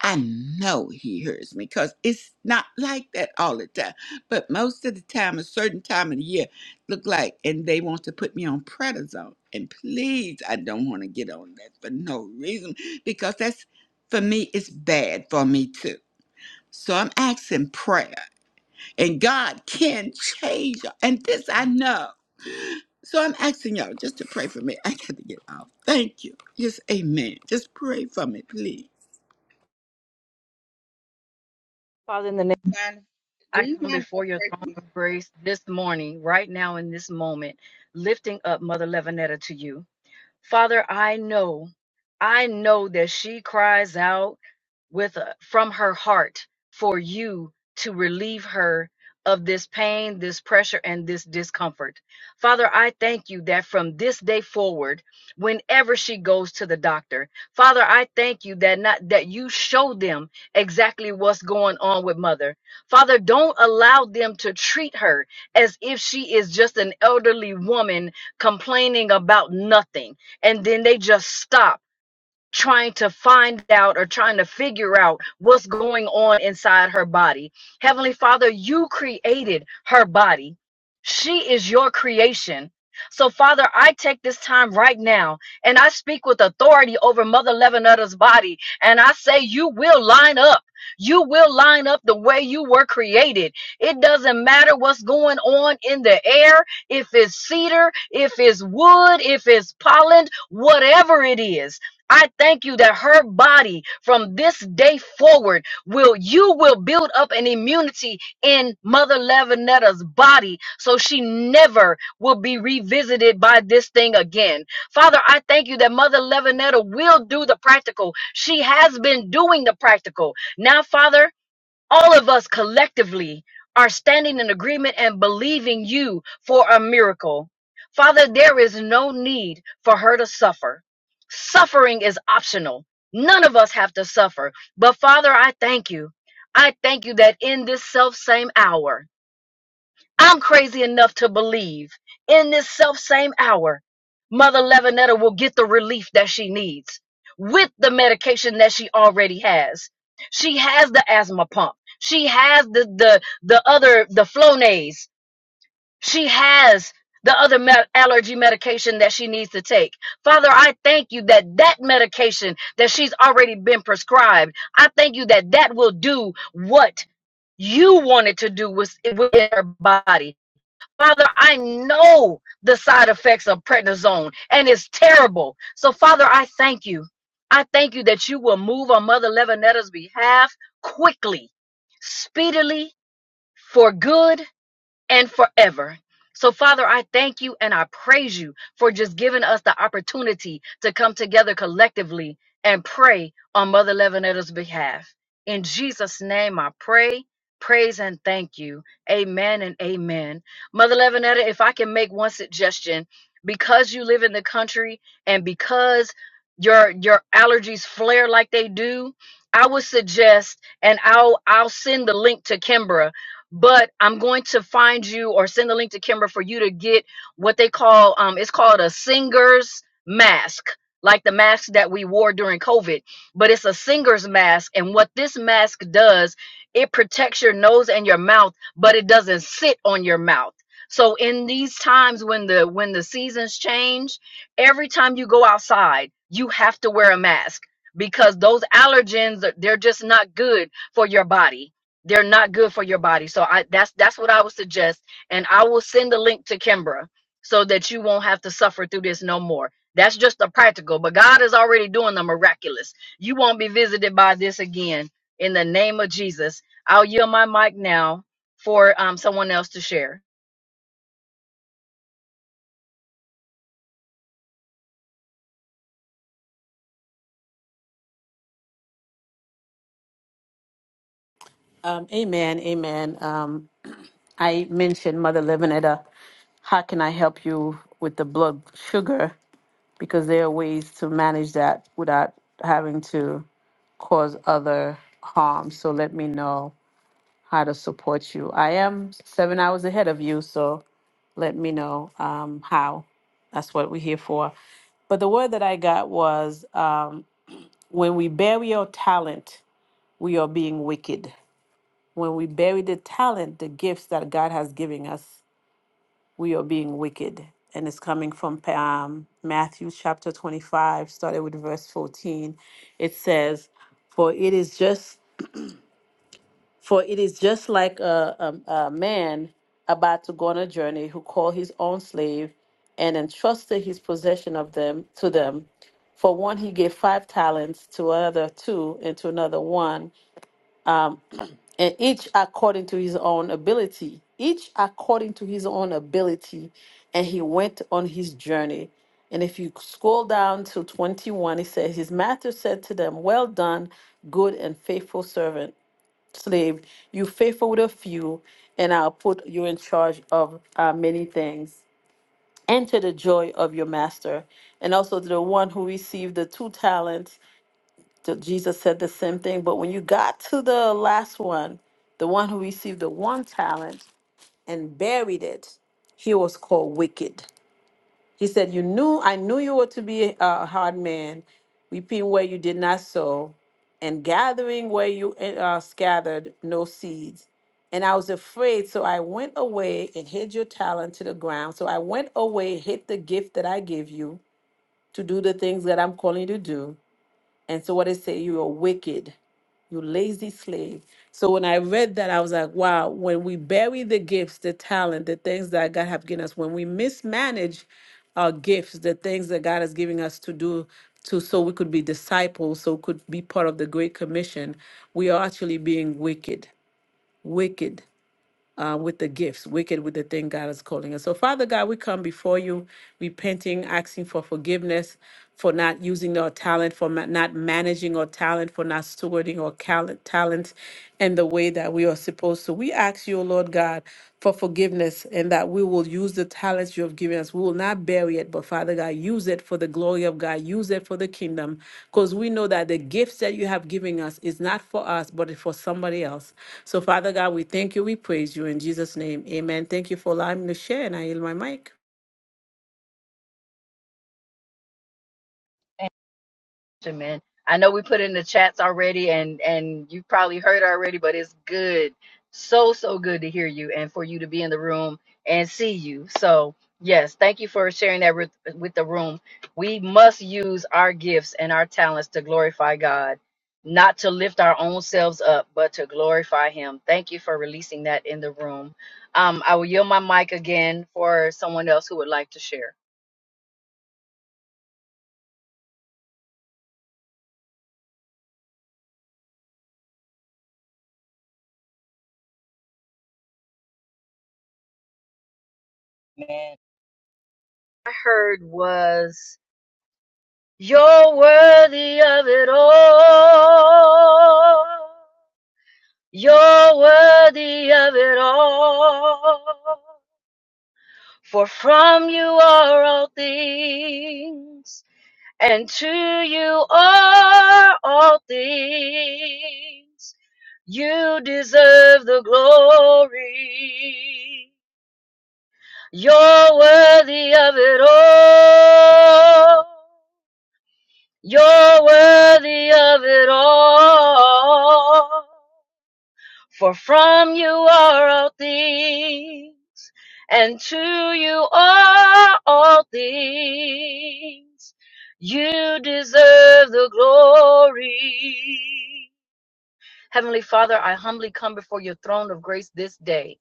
S5: I know He hears me because it's not like that all the time. But most of the time, a certain time of the year, look like, and they want to put me on prednisone. And please, I don't want to get on that for no reason because that's for me, it's bad for me too. So I'm asking prayer, and God can change. And this I know. So I'm asking y'all just to pray for me. I got to get off. Thank you. Just amen. Just pray for me, please.
S4: Father, in the name
S1: Simone, Do
S4: I
S1: you
S4: come
S1: mind if I
S4: before your
S1: pray
S4: throne
S1: for
S4: of grace this morning, right now in this moment, lifting up Mother Levinetta to you. Father, I know, I know that she cries out with a, from her heart for you to relieve her of this pain, this pressure, and this discomfort. Father, I thank you that from this day forward, whenever she goes to the doctor, Father, I thank you that not that you show them exactly what's going on with mother. Father, don't allow them to treat her as if she is just an elderly woman complaining about nothing and then they just stop trying to find out or trying to figure out what's going on inside her body. Heavenly Father, you created her body, she is your creation. So, Father, I take this time right now and I speak with authority over Mother Levinetta's body. And I say, You will line up. You will line up the way you were created. It doesn't matter what's going on in the air, if it's cedar, if it's wood, if it's pollen, whatever it is. I thank you that her body from this day forward will you will build up an immunity in Mother Lavinetta's body so she never will be revisited by this thing again. Father, I thank you that Mother Lavinetta will do the practical. She has been doing the practical. Now, Father, all of us collectively are standing in agreement and believing you for a miracle. Father, there is no need for her to suffer. Suffering is optional. None of us have to suffer. But Father, I thank you. I thank you that in this self same hour, I'm crazy enough to believe in this self same hour, Mother Levinetta will get the relief that she needs with the medication that she already has. She has the asthma pump. She has the the the other the Flonase. She has the other me- allergy medication that she needs to take. Father, I thank you that that medication that she's already been prescribed, I thank you that that will do what you wanted to do with within her body Father, I know the side effects of prednisone and it's terrible. So, Father, I thank you. I thank you that you will move on Mother Levanetta's behalf quickly, speedily, for good and forever. So, Father, I thank you and I praise you for just giving us the opportunity to come together collectively and pray on Mother Levanetta's behalf. In Jesus' name, I pray, praise, and thank you. Amen and amen. Mother Levanetta, if I can make one suggestion, because you live in the country and because your your allergies flare like they do, I would suggest, and I'll I'll send the link to Kimbra but I'm going to find you or send the link to Kimber for you to get what they call um it's called a singer's mask, like the mask that we wore during COVID, but it's a singer's mask and what this mask does, it protects your nose and your mouth, but it doesn't sit on your mouth. So in these times when the when the seasons change, every time you go outside, you have to wear a mask because those allergens they're just not good for your body they're not good for your body. So I that's that's what I would suggest. And I will send the link to Kimbra so that you won't have to suffer through this no more. That's just the practical, but God is already doing the miraculous. You won't be visited by this again in the name of Jesus. I'll yield my mic now for um, someone else to share.
S2: Um, amen, amen. Um, I mentioned Mother Levinetta. How can I help you with the blood sugar? because there are ways to manage that without having to cause other harm. So let me know how to support you. I am seven hours ahead of you, so let me know um, how. That's what we're here for. But the word that I got was um, when we bury our talent, we are being wicked. When we bury the talent, the gifts that God has given us, we are being wicked. And it's coming from um, Matthew chapter 25, started with verse 14. It says, For it is just for it is just like a, a, a man about to go on a journey who called his own slave and entrusted his possession of them to them. For one he gave five talents, to another two, and to another one and each according to his own ability, each according to his own ability. And he went on his journey. And if you scroll down to 21, it says, His master said to them, Well done, good and faithful servant, slave. You faithful with a few, and I'll put you in charge of uh, many things. Enter the joy of your master. And also to the one who received the two talents. So Jesus said the same thing. But when you got to the last one, the one who received the one talent and buried it, he was called wicked. He said, You knew, I knew you were to be a hard man, reaping where you did not sow, and gathering where you eh, uh, scattered no seeds. And I was afraid, so I went away and hid your talent to the ground. So I went away, hid the gift that I gave you to do the things that I'm calling you to do. And so what it say, you are wicked, you lazy slave. So when I read that, I was like, wow, when we bury the gifts, the talent, the things that God have given us, when we mismanage our gifts, the things that God is giving us to do to so we could be disciples, so we could be part of the Great Commission, we are actually being wicked. Wicked uh, with the gifts, wicked with the thing God is calling us. So, Father God, we come before you, repenting, asking for forgiveness for not using our talent, for ma- not managing our talent, for not stewarding our cal- talent in the way that we are supposed to. We ask you, O Lord God, for forgiveness and that we will use the talents you have given us. We will not bury it, but Father God, use it for the glory of God, use it for the kingdom, because we know that the gifts that you have given us is not for us, but it's for somebody else. So, Father God, we thank you. We praise you in Jesus' name. Amen. Thank you for allowing me to share, and I yield my mic.
S4: man. I know we put in the chats already and and you probably heard already, but it's good. So so good to hear you and for you to be in the room and see you. So, yes, thank you for sharing that with, with the room. We must use our gifts and our talents to glorify God, not to lift our own selves up, but to glorify him. Thank you for releasing that in the room. Um I will yield my mic again for someone else who would like to share. Man, I heard was You're worthy of it all. You're worthy of it all. For from you are all things, and to you are all things. You deserve the glory. You're worthy of it all. You're worthy of it all. For from you are all things, and to you are all things. You deserve the glory. Heavenly Father, I humbly come before your throne of grace this day.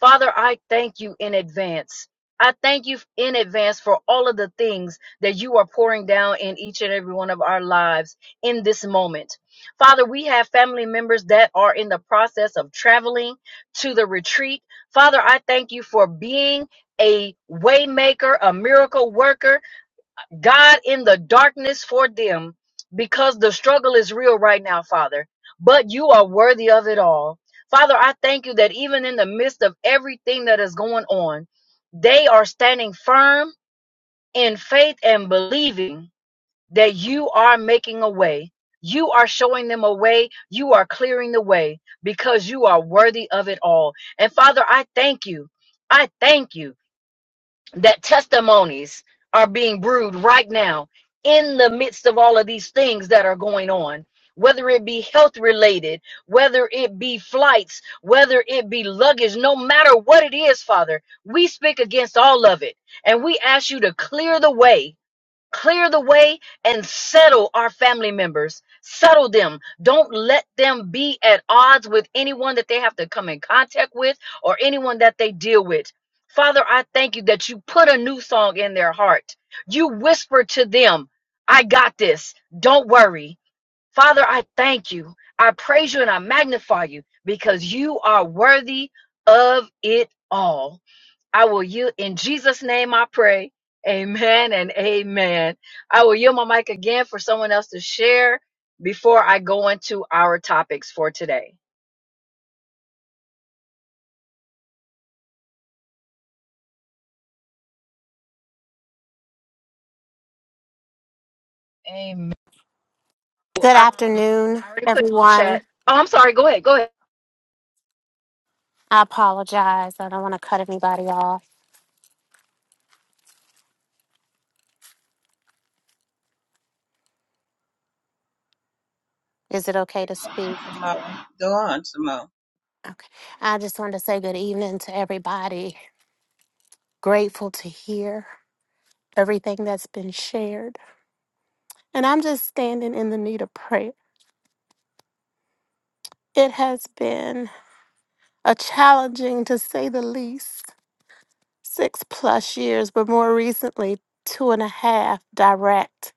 S4: Father, I thank you in advance. I thank you in advance for all of the things that you are pouring down in each and every one of our lives in this moment. Father, we have family members that are in the process of traveling to the retreat. Father, I thank you for being a waymaker, a miracle worker, God in the darkness for them because the struggle is real right now, Father. But you are worthy of it all. Father, I thank you that even in the midst of everything that is going on, they are standing firm in faith and believing that you are making a way. You are showing them a way. You are clearing the way because you are worthy of it all. And Father, I thank you. I thank you that testimonies are being brewed right now in the midst of all of these things that are going on whether it be health related whether it be flights whether it be luggage no matter what it is father we speak against all of it and we ask you to clear the way clear the way and settle our family members settle them don't let them be at odds with anyone that they have to come in contact with or anyone that they deal with father i thank you that you put a new song in their heart you whisper to them i got this don't worry Father, I thank you. I praise you and I magnify you because you are worthy of it all. I will yield in Jesus' name I pray. Amen and amen. I will yield my mic again for someone else to share before I go into our topics for today. Amen. Um,
S6: Good afternoon,
S4: I already put in the chat.
S6: everyone.
S4: Oh, I'm sorry. Go ahead. Go ahead.
S6: I apologize. I don't want to cut anybody off. Is it okay to speak?
S1: my baby? Simone, Go on, Simone.
S6: Okay. I just wanted to say good evening to everybody. Grateful to hear everything that's been shared. And I'm just standing in the need of prayer. It has been a challenging, to say the least, six plus years, but more recently, two and a half direct.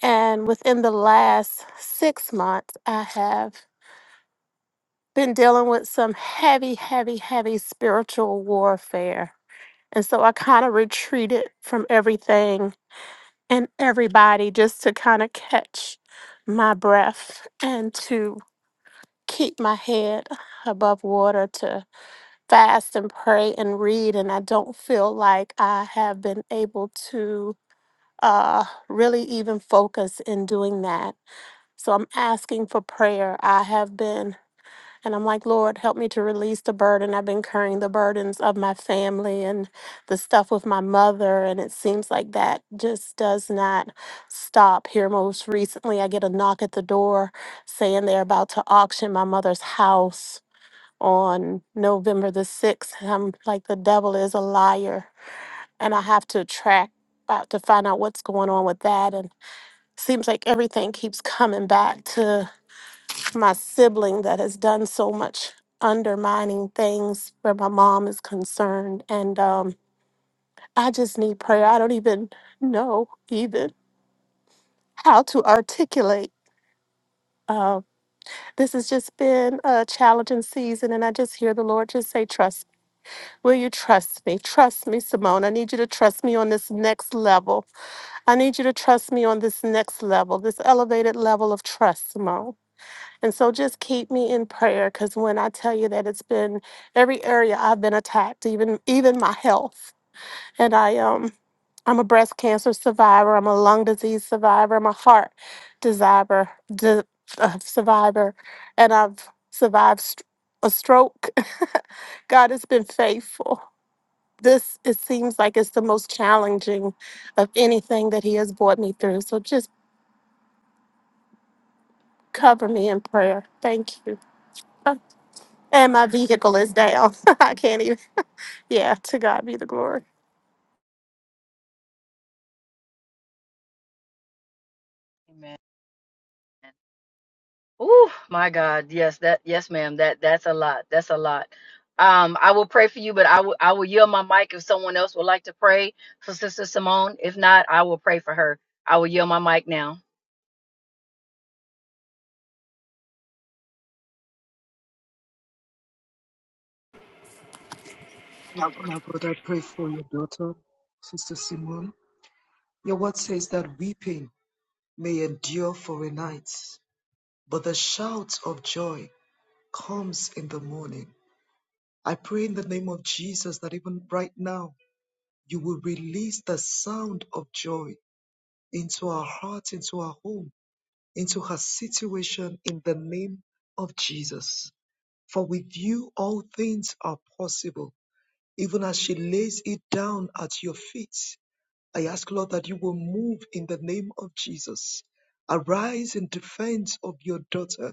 S6: And within the last six months, I have been dealing with some heavy, heavy, heavy spiritual warfare. And so I kind of retreated from everything and everybody just to kind of catch my breath and to keep my head above water, to fast and pray and read. And I don't feel like I have been able to uh, really even focus in doing that. So I'm asking for prayer. I have been And I'm like, Lord, help me to release the burden. I've been carrying the burdens of my family and the stuff with my mother. And it seems like that just does not stop. Here, most recently, I get a knock at the door saying they're about to auction my mother's house on November the 6th. And I'm like, the devil is a liar. And I have to track out to find out what's going on with that. And seems like everything keeps coming back to my sibling that has done so much undermining things where my mom is concerned. And um, I just need prayer. I don't even know even how to articulate. Uh, this has just been a challenging season, and I just hear the Lord just say, Trust. Will you trust me? Trust me, Simone. I need you to trust me on this next level. I need you to trust me on this next level, this elevated level of trust, Simone. And so just keep me in prayer because when I tell you that it's been every area I've been attacked, even even my health. And I um I'm a breast cancer survivor, I'm a lung disease survivor, I'm a heart survivor, di- uh, survivor, and I've survived st- a stroke. God has been faithful. This it seems like it's the most challenging of anything that he has brought me through. So just cover me in prayer. Thank you. and my vehicle is down. I can't even. Yeah, to God be the glory.
S4: Amen. Oh my God. Yes, that yes, ma'am. That that's a lot. That's a lot. Um, I will pray for you, but I will I will yield my mic if someone else would like to pray for Sister Simone. If not, I will pray for her. I will yield my mic now.
S7: in the morning. I pray in the name of Jesus that even right now, you will release the sound of joy into our heart, into our home, into her situation in the name of Jesus. For with you, all things are possible, even as she lays it down at your feet. I ask, Lord, that you will move in the name of Jesus. Arise in defense of your daughter.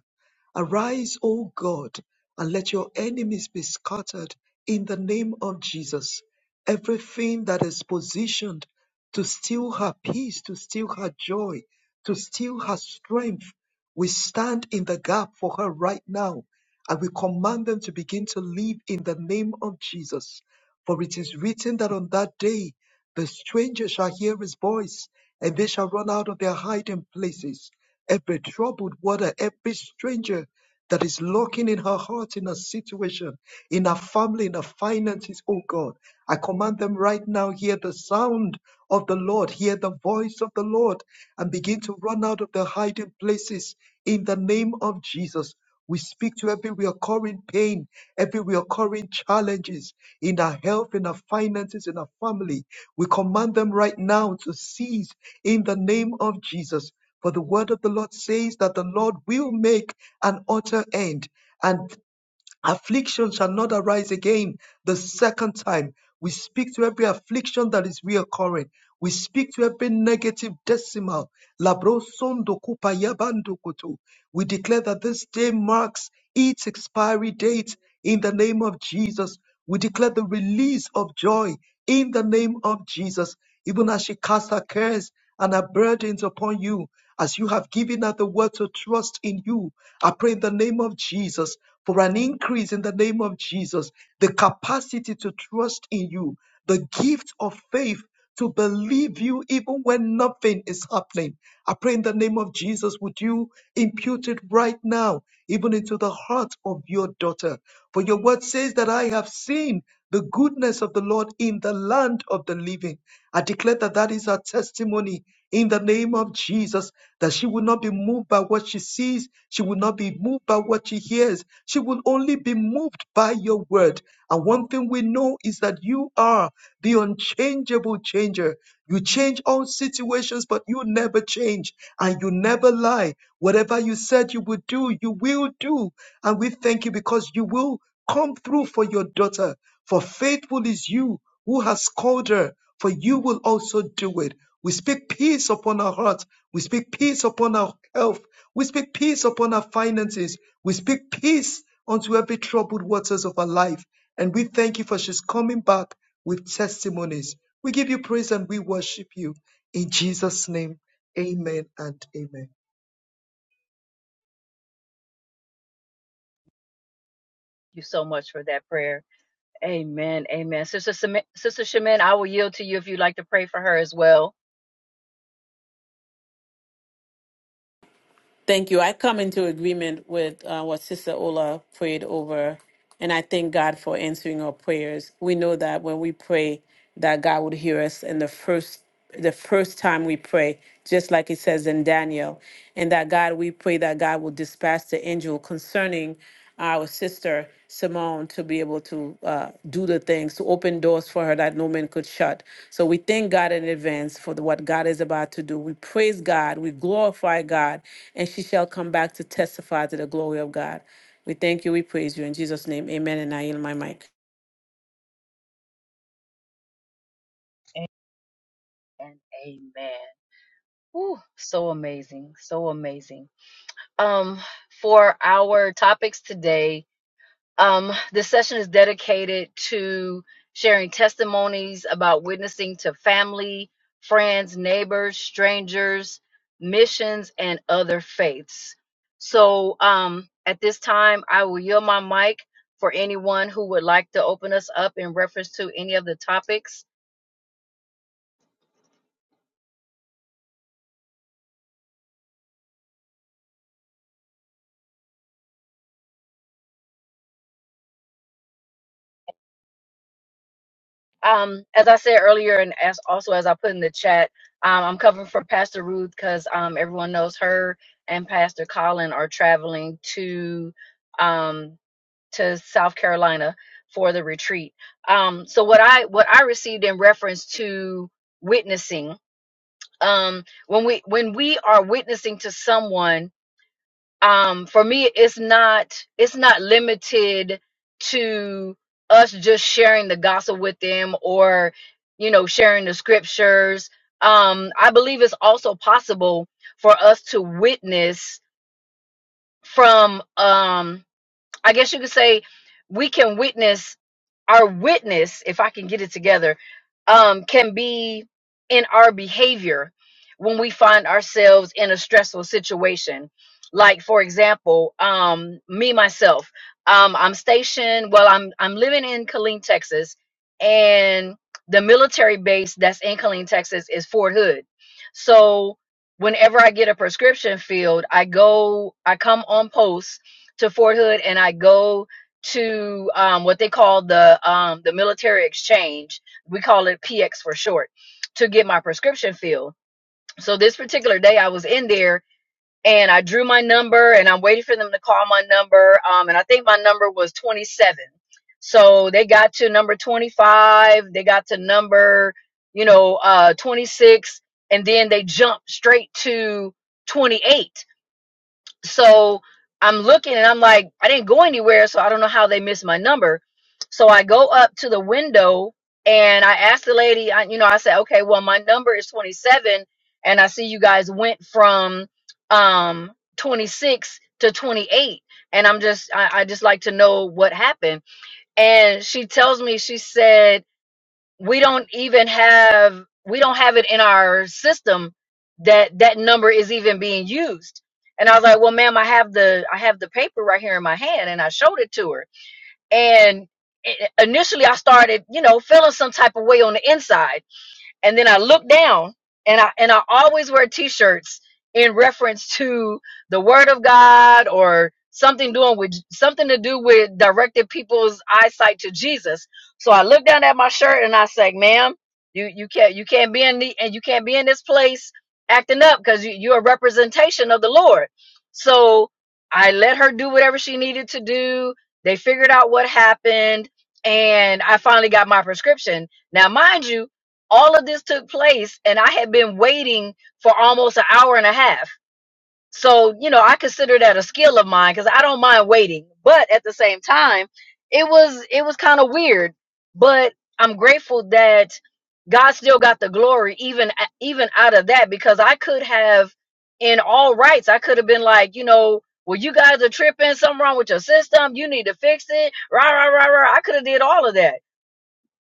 S7: Arise, O God, and let your enemies be scattered in the name of Jesus. Everything that is positioned to steal her peace, to steal her joy, to steal her strength, we stand in the gap for her right now. And we command them to begin to live in the name of Jesus. For it is written that on that day, the stranger shall hear his voice, and they shall run out of their hiding places. Every troubled water, every stranger that is lurking in her heart, in her situation, in her family, in her finances, oh God, I command them right now, hear the sound of the Lord, hear the voice of the Lord, and begin to run out of their hiding places in the name of Jesus. We speak to every recurring pain, every recurring challenges in our health, in our finances, in our family. We command them right now to cease in the name of Jesus. For the word of the Lord says that the Lord will make an utter end. and affliction shall not arise again the second time. We speak to every affliction that is reoccurring. We speak to every negative decimal. Labrosondo kupayabandokoto. We declare that this day marks its expiry date in the name of Jesus. We declare the release of joy in the name of Jesus. Even as she casts her cares and her burdens upon you, as you have given her the word to trust in you. I pray in the name of Jesus for an increase in the name of Jesus, the capacity to trust in you, the gift of faith to believe you even when nothing is happening. I pray in the name of Jesus, would you impute it right now, even into the heart of your daughter? For your word says that I have seen the goodness of the Lord in the land of the living. I declare that that is our testimony in the name of Jesus that she will not be moved by what she sees. She will not be moved by what she hears. She will only be moved by your word. And one thing we know is that you are the unchangeable changer. You change all situations, but you never change and you never lie. Whatever you said you would do, you will do. And we thank you because you will come through for your daughter. For faithful is you who has called her, for you will also do it. We speak peace upon her heart we speak peace upon our health. We speak peace upon our finances. We speak peace unto every troubled waters of our life. And we thank you for she's coming back with testimonies. We give you praise and we worship you. In Jesus' name, amen and amen.
S4: Thank you so much for that prayer. Amen. Amen. Sister Sim- Sister Shemin, I will yield to you if you'd like to pray for her as well.
S2: Thank you. I come into agreement with uh, what Sister Ola prayed over, and I thank God for answering our prayers. We know that when we pray, that God would hear us in the first the first time we pray, just like it says in Daniel, and that God, we pray that God will dispatch the angel concerning our sister Simone to be able to uh, do the things, to open doors for her that no man could shut. So we thank God in advance for the, what God is about to do. We praise God, we glorify God, and she shall come back to testify to the glory of God. We thank you, we praise you. In Jesus' name, amen. And I yield my mic.
S4: And amen. Whew, so amazing. So amazing. Um, for our topics today, Um, this session is dedicated to sharing testimonies about witnessing to family, friends, neighbors, strangers, missions, and other faiths. So um, at this time, I will yield my mic for anyone who would like to open us up in reference to any of the topics um, as I said earlier, and as also as I put in the chat, um, I'm covering for Pastor Ruth because um, everyone knows her and Pastor Colin are traveling to um, to South Carolina for the retreat. Um, so what I what I received in reference to witnessing um, when we when we are witnessing to someone um for me it's not it's not limited to us just sharing the gospel with them or you know sharing the scriptures um i believe it's also possible for us to witness from um I guess you could say we can witness our witness, if I can get it together, um, can be in our behavior when we find ourselves in a stressful situation. Like for example, um, me myself, um, I'm stationed. Well, I'm I'm living in Killeen, Texas, and the military base that's in Killeen, Texas, is Fort Hood. So whenever I get a prescription filled, I go, I come on post to Fort Hood and I go to um, what they call the um, the military exchange. We call it PX for short to get my prescription filled. So this particular day I was in there and I drew my number and I'm waiting for them to call my number. Um, and I think my number was 27. So they got to number 25. They got to number, you know, uh, 26. And then they jumped straight to 28 so I'm looking and I'm like, I didn't go anywhere, so I don't know how they missed my number. So I go up to the window and I asked the lady, I, you know, I said, okay, well, my number is 27, and I see you guys went from um 26 to 28, and I'm just, I, I just like to know what happened. And she tells me, she said we don't even have we don't have it in our system that that number is even being used and i was like well ma'am i have the i have the paper right here in my hand and i showed it to her and i- initially i started you know feeling some type of way on the inside and then I look down and I and I always wear t-shirts in reference to the word of God or something doing with something to do with directing people's eyesight to Jesus. So I look down at my shirt and I say, ma'am, you you can't you can't be in the and you can't be in this place acting up because you, you're a representation of the Lord. So I let her do whatever she needed to do. They figured out what happened and I finally got my prescription. Now, mind you, all of this took place and I had been waiting for almost an hour and a half. So, you know, I consider that a skill of mine because I don't mind waiting. But at the same time, it was it was kind of weird. But I'm grateful that God still got the glory even even out of that because I could have in all rights, I could have been like, you know, well, you guys are tripping, something wrong with your system, you need to fix it, rah, rah, rah, rah. I could have did all of that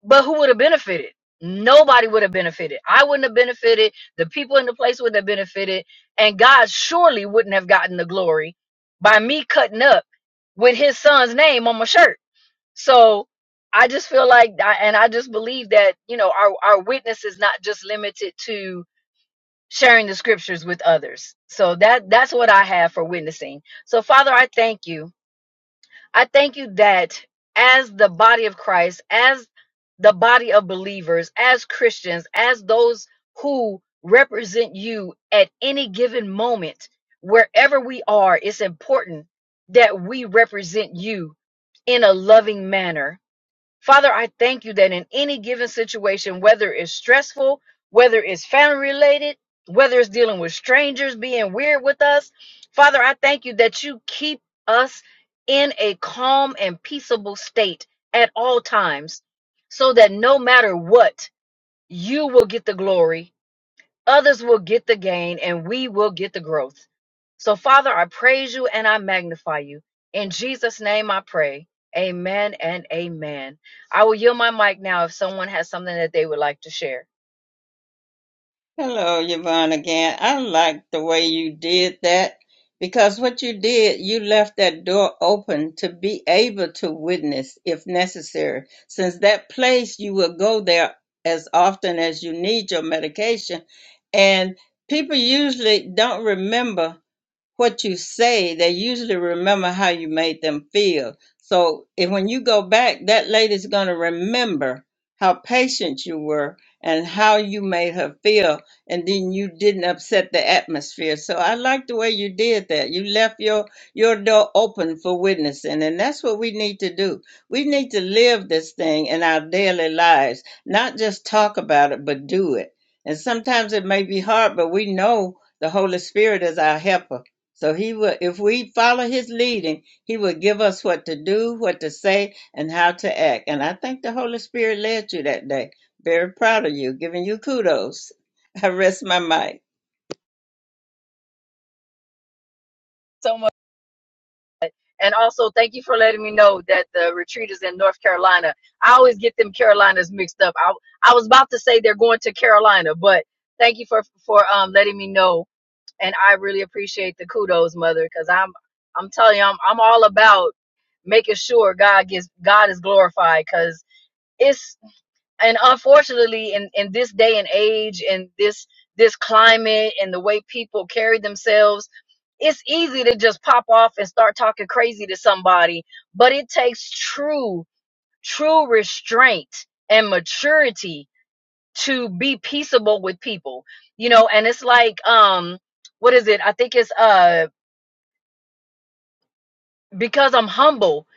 S4: but who would have benefited? Nobody would have benefited. I wouldn't have benefited. The people in the place wouldn't have benefited. And God surely wouldn't have gotten the glory by me cutting up with his son's name on my shirt. So I just feel like, I- and I just believe that, you know, our, our witness is not just limited to sharing the scriptures with others. So that, that's what I have for witnessing. So Father, I thank you. I thank you that as the body of Christ, as the body of believers, as Christians, as those who represent you at any given moment, wherever we are, it's important that we represent you in a loving manner Father, I thank you that in any given situation, whether it's stressful, whether it's family related, whether it's dealing with strangers being weird with us, Father, I thank you that you keep us in a calm and peaceable state at all times so that no matter what, you will get the glory Others will get the gain and we will get the growth. So, Father, I praise you and I magnify you. In Jesus' name I pray. Amen and amen. I will yield my mic now if someone has something that they would like to share.
S1: Hello, Yvonne again. I like the way you did that because what you did, you left that door open to be able to witness if necessary. Since that place, you will go there as often as you need your medication. And people usually don't remember what you say, they usually remember how you made them feel. So if, when you go back, that lady's going to remember how patient you were and how you made her feel. And then you didn't upset the atmosphere. So I like the way you did that. You left your, your door open for witnessing. And that's what we need to do. We need to live this thing in our daily lives, not just talk about it, but do it. And sometimes it may be hard, but we know the Holy Spirit is our helper so he will, if we follow his leading, he will give us what to do, what to say, and how to act. And I think the Holy Spirit led you that day. Very proud of you, giving you kudos. I rest my mic.
S4: So much. And also, thank you for letting me know that the retreat is in North Carolina. I always get them Carolinas mixed up. I, I was about to say they're going to Carolina, but thank you for for um, letting me know and I really appreciate the kudos, mother, because I'm I'm telling you, I'm I'm all about making sure God gets God is glorified because it's and unfortunately in in this day and age and this this climate and the way people carry themselves it's easy to just pop off and start talking crazy to somebody but it takes true true restraint and maturity to be peaceable with people you know and it's like um what is it i think it's uh because I'm humble.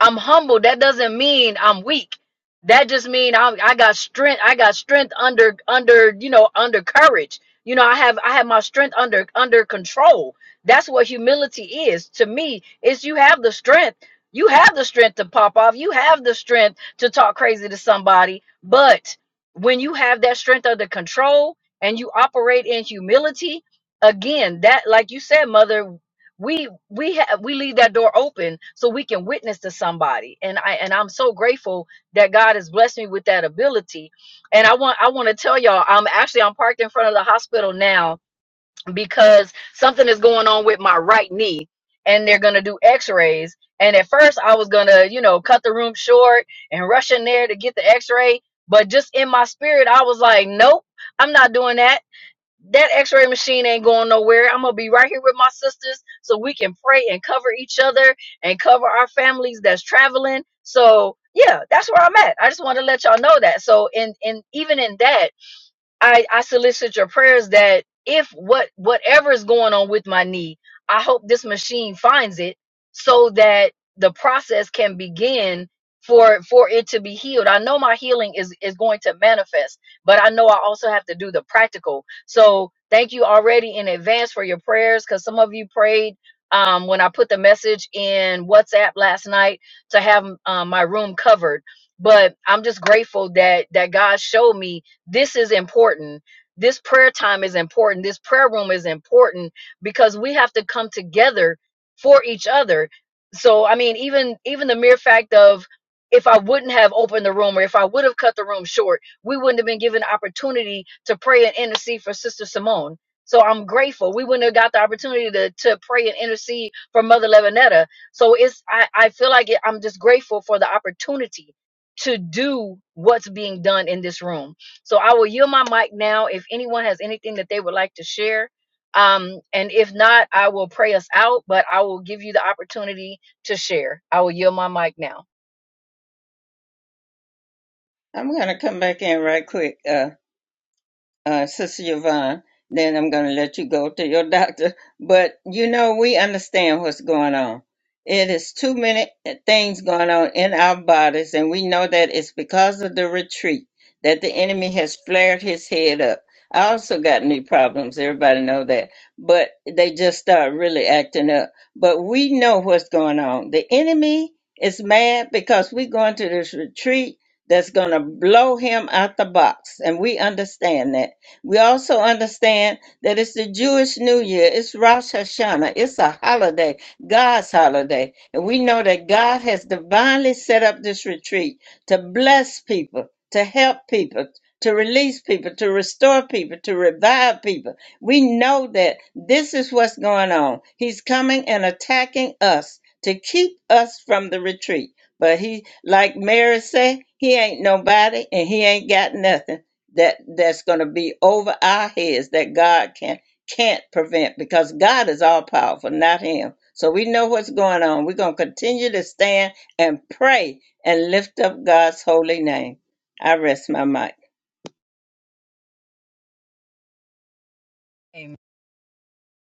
S4: I'm humble. That doesn't mean I'm weak. That just mean I I got strength. I got strength under under you know under courage. You know I have I have my strength under under control. That's what humility is to me. Is you have the strength. You have the strength to pop off. You have the strength to talk crazy to somebody. But when you have that strength under control and you operate in humility, again, that like you said, mother, we we have we leave that door open so we can witness to somebody and i and i'm so grateful that god has blessed me with that ability and i want i want to tell y'all i'm actually i'm parked in front of the hospital now because something is going on with my right knee and they're gonna do x-rays and at first i was gonna you know cut the room short and rush in there to get the x-ray but just in my spirit i was like nope i'm not doing that that x-ray machine ain't going nowhere i'm gonna be right here with my sisters so we can pray and cover each other and cover our families that's traveling so yeah that's where i'm at i just want to let y'all know that so in in even in that I, I solicit your prayers that if what whatever is going on with my knee, I hope this machine finds it so that the process can begin for for it to be healed. I know my healing is is going to manifest, but I know I also have to do the practical. So thank you already in advance for your prayers because some of you prayed um, when I put the message in WhatsApp last night to have um, my room covered. But I'm just grateful that that God showed me this is important. This prayer time is important. This prayer room is important because we have to come together for each other. So I mean, even even the mere fact of if I wouldn't have opened the room or if I would have cut the room short, we wouldn't have been given opportunity to pray and intercede for Sister Simone. So I'm grateful. We wouldn't have got the opportunity to, to pray and intercede for Mother Levinetta. So it's I, I feel like it, I'm just grateful for the opportunity to do what's being done in this room so I will yield my mic now if anyone has anything that they would like to share. Um, and if not, I will pray us out, but I will give you the opportunity to share. I will yield my mic now.
S1: I'm going to come back in right quick. Uh, uh, Sister Yvonne, then I'm going to let you go to your doctor. But you know, we understand what's going on. It is too many things going on in our bodies, and we know that it's because of the retreat that the enemy has flared his head up. I also got knee problems. Everybody know that, but they just start really acting up. But we know what's going on. The enemy is mad because we're going to this retreat that's going to blow him out the box, and we understand that we also understand that it's the Jewish New Year, it's Rosh Hashanah, it's a holiday, God's holiday. And we know that God has divinely set up this retreat to bless people, to help people, to release people, to restore people, to revive people. We know that this is what's going on. He's coming and attacking us to keep us from the retreat. But he, like Mary said, he ain't nobody and he ain't got nothing that that's going to be over our heads that God can can't prevent because God is all powerful, not him. So we know what's going on. We're going to continue to stand and pray and lift up God's holy name. I rest my mind.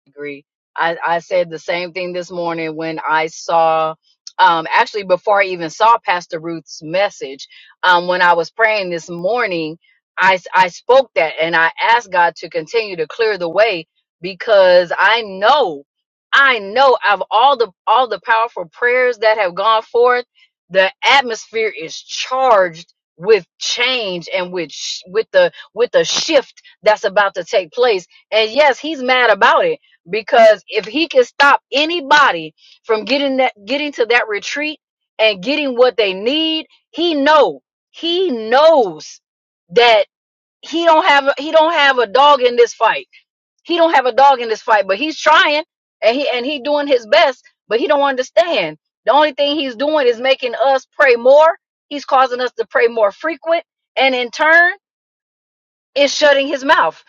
S4: agree. I, I said the same thing this morning when I saw, um, actually before I even saw Pastor Ruth's message, um, when I was praying this morning, I, s- I spoke that and I asked God to continue to clear the way because I know, I know of all the, all the powerful prayers that have gone forth, the atmosphere is charged with change and with, sh- with the, with the shift that's about to take place. And yes, he's mad about it because if he can stop anybody from getting that getting to that retreat and getting what they need he know he knows that he don't have a- he don't have a dog in this fight he don't have a dog in this fight but he's trying and he and he doing his best but he don't understand the only thing he's doing is making us pray more he's causing us to pray more frequent and in turn is shutting his mouth.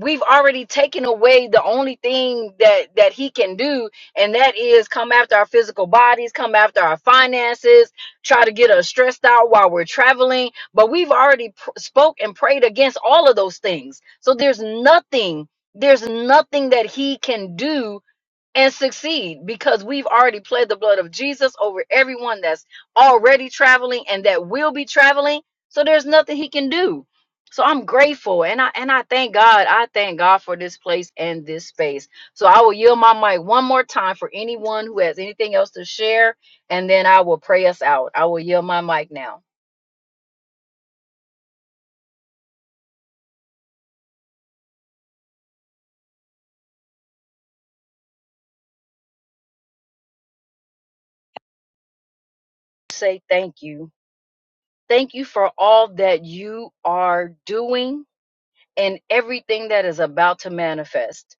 S4: We've already taken away the only thing that that he can do, and that is come after our physical bodies, come after our finances, try to get us stressed out while we're traveling. But we've already pr- spoke and prayed against all of those things. So there's nothing, there's nothing that he can do and succeed because we've already pled the blood of Jesus over everyone that's already traveling and that will be traveling. So there's nothing he can do. So I'm grateful and I and I thank God. I thank God for this place and this space. So I will yield my mic one more time for anyone who has anything else to share and then I will pray us out. I will yield my mic now. Say thank you. Thank you for all that you are doing and everything that is about to manifest.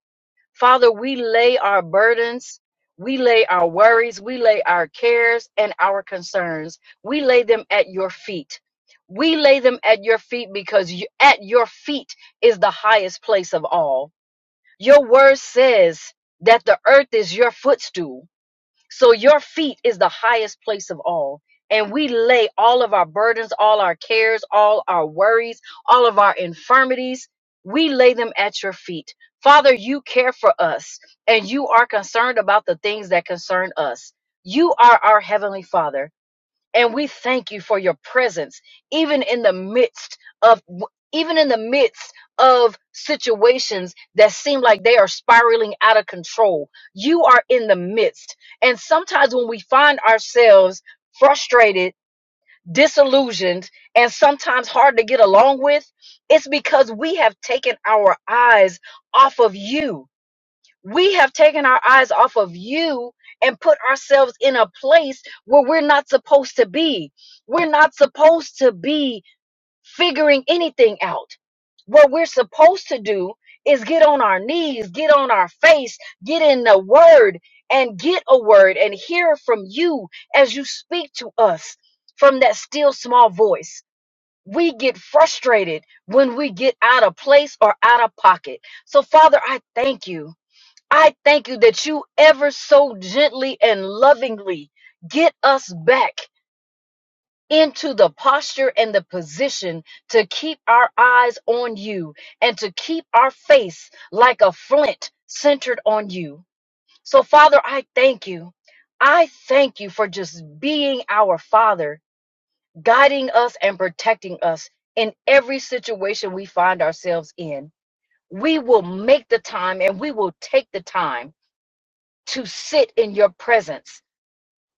S4: Father, we lay our burdens, we lay our worries, we lay our cares and our concerns. We lay them at your feet. We lay them at your feet because you, at your feet is the highest place of all. Your word says that the earth is your footstool. So your feet is the highest place of all. And we lay all of our burdens, all our cares, all our worries, all of our infirmities, we lay them at your feet. Father, you care for us and you are concerned about the things that concern us. You are our heavenly Father and we thank you for your presence even in the midst of even in the midst of situations that seem like they are spiraling out of control you are in the midst and sometimes when we find ourselves frustrated disillusioned and sometimes hard to get along with it's because we have taken our eyes off of you we have taken our eyes off of you and put ourselves in a place where we're not supposed to be. We're not supposed to be figuring anything out. What we're supposed to do is get on our knees, get on our face, get in the word and get a word and hear from you as you speak to us from that still small voice. We get frustrated when we get out of place or out of pocket. So, Father, I thank you. I thank you that you ever so gently and lovingly get us back into the posture and the position to keep our eyes on you and to keep our face like a flint centered on you. So, Father, I thank you. I thank you for just being our Father, guiding us and protecting us in every situation we find ourselves in. We will make the time and we will take the time to sit in your presence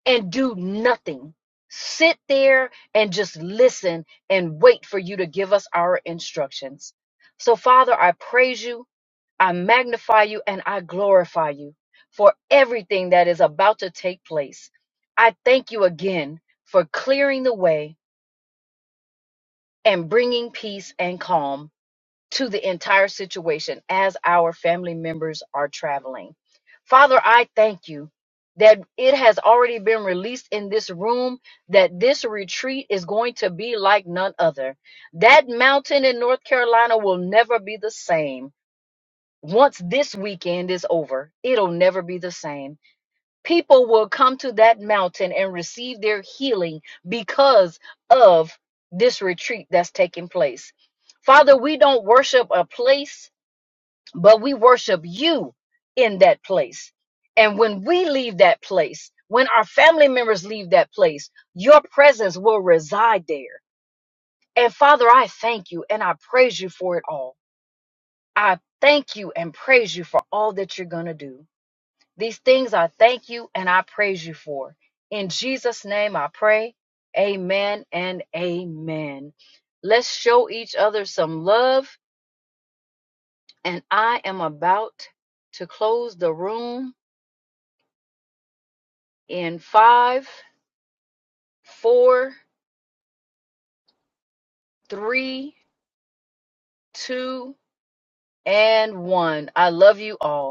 S4: and do nothing. Sit there and just listen and wait for you to give us our instructions. So, Father, I praise you, I magnify you, and I glorify you for everything that is about to take place. I thank you again for clearing the way and bringing peace and calm to the entire situation as our family members are traveling. Father, I thank you that it has already been released in this room that this retreat is going to be like none other. That mountain in North Carolina will never be the same. Once this weekend is over, it'll never be the same. People will come to that mountain and receive their healing because of this retreat that's taking place. Father, we don't worship a place, but we worship you in that place. And when we leave that place, when our family members leave that place, your presence will reside there. And Father, I thank you and I praise you for it all. I thank you and praise you for all that you're going to do. These things I thank you and I praise you for. In Jesus' name I pray. Amen and amen. Let's show each other some love. And I am about to close the room in five, four, three, two, and one. I love you all.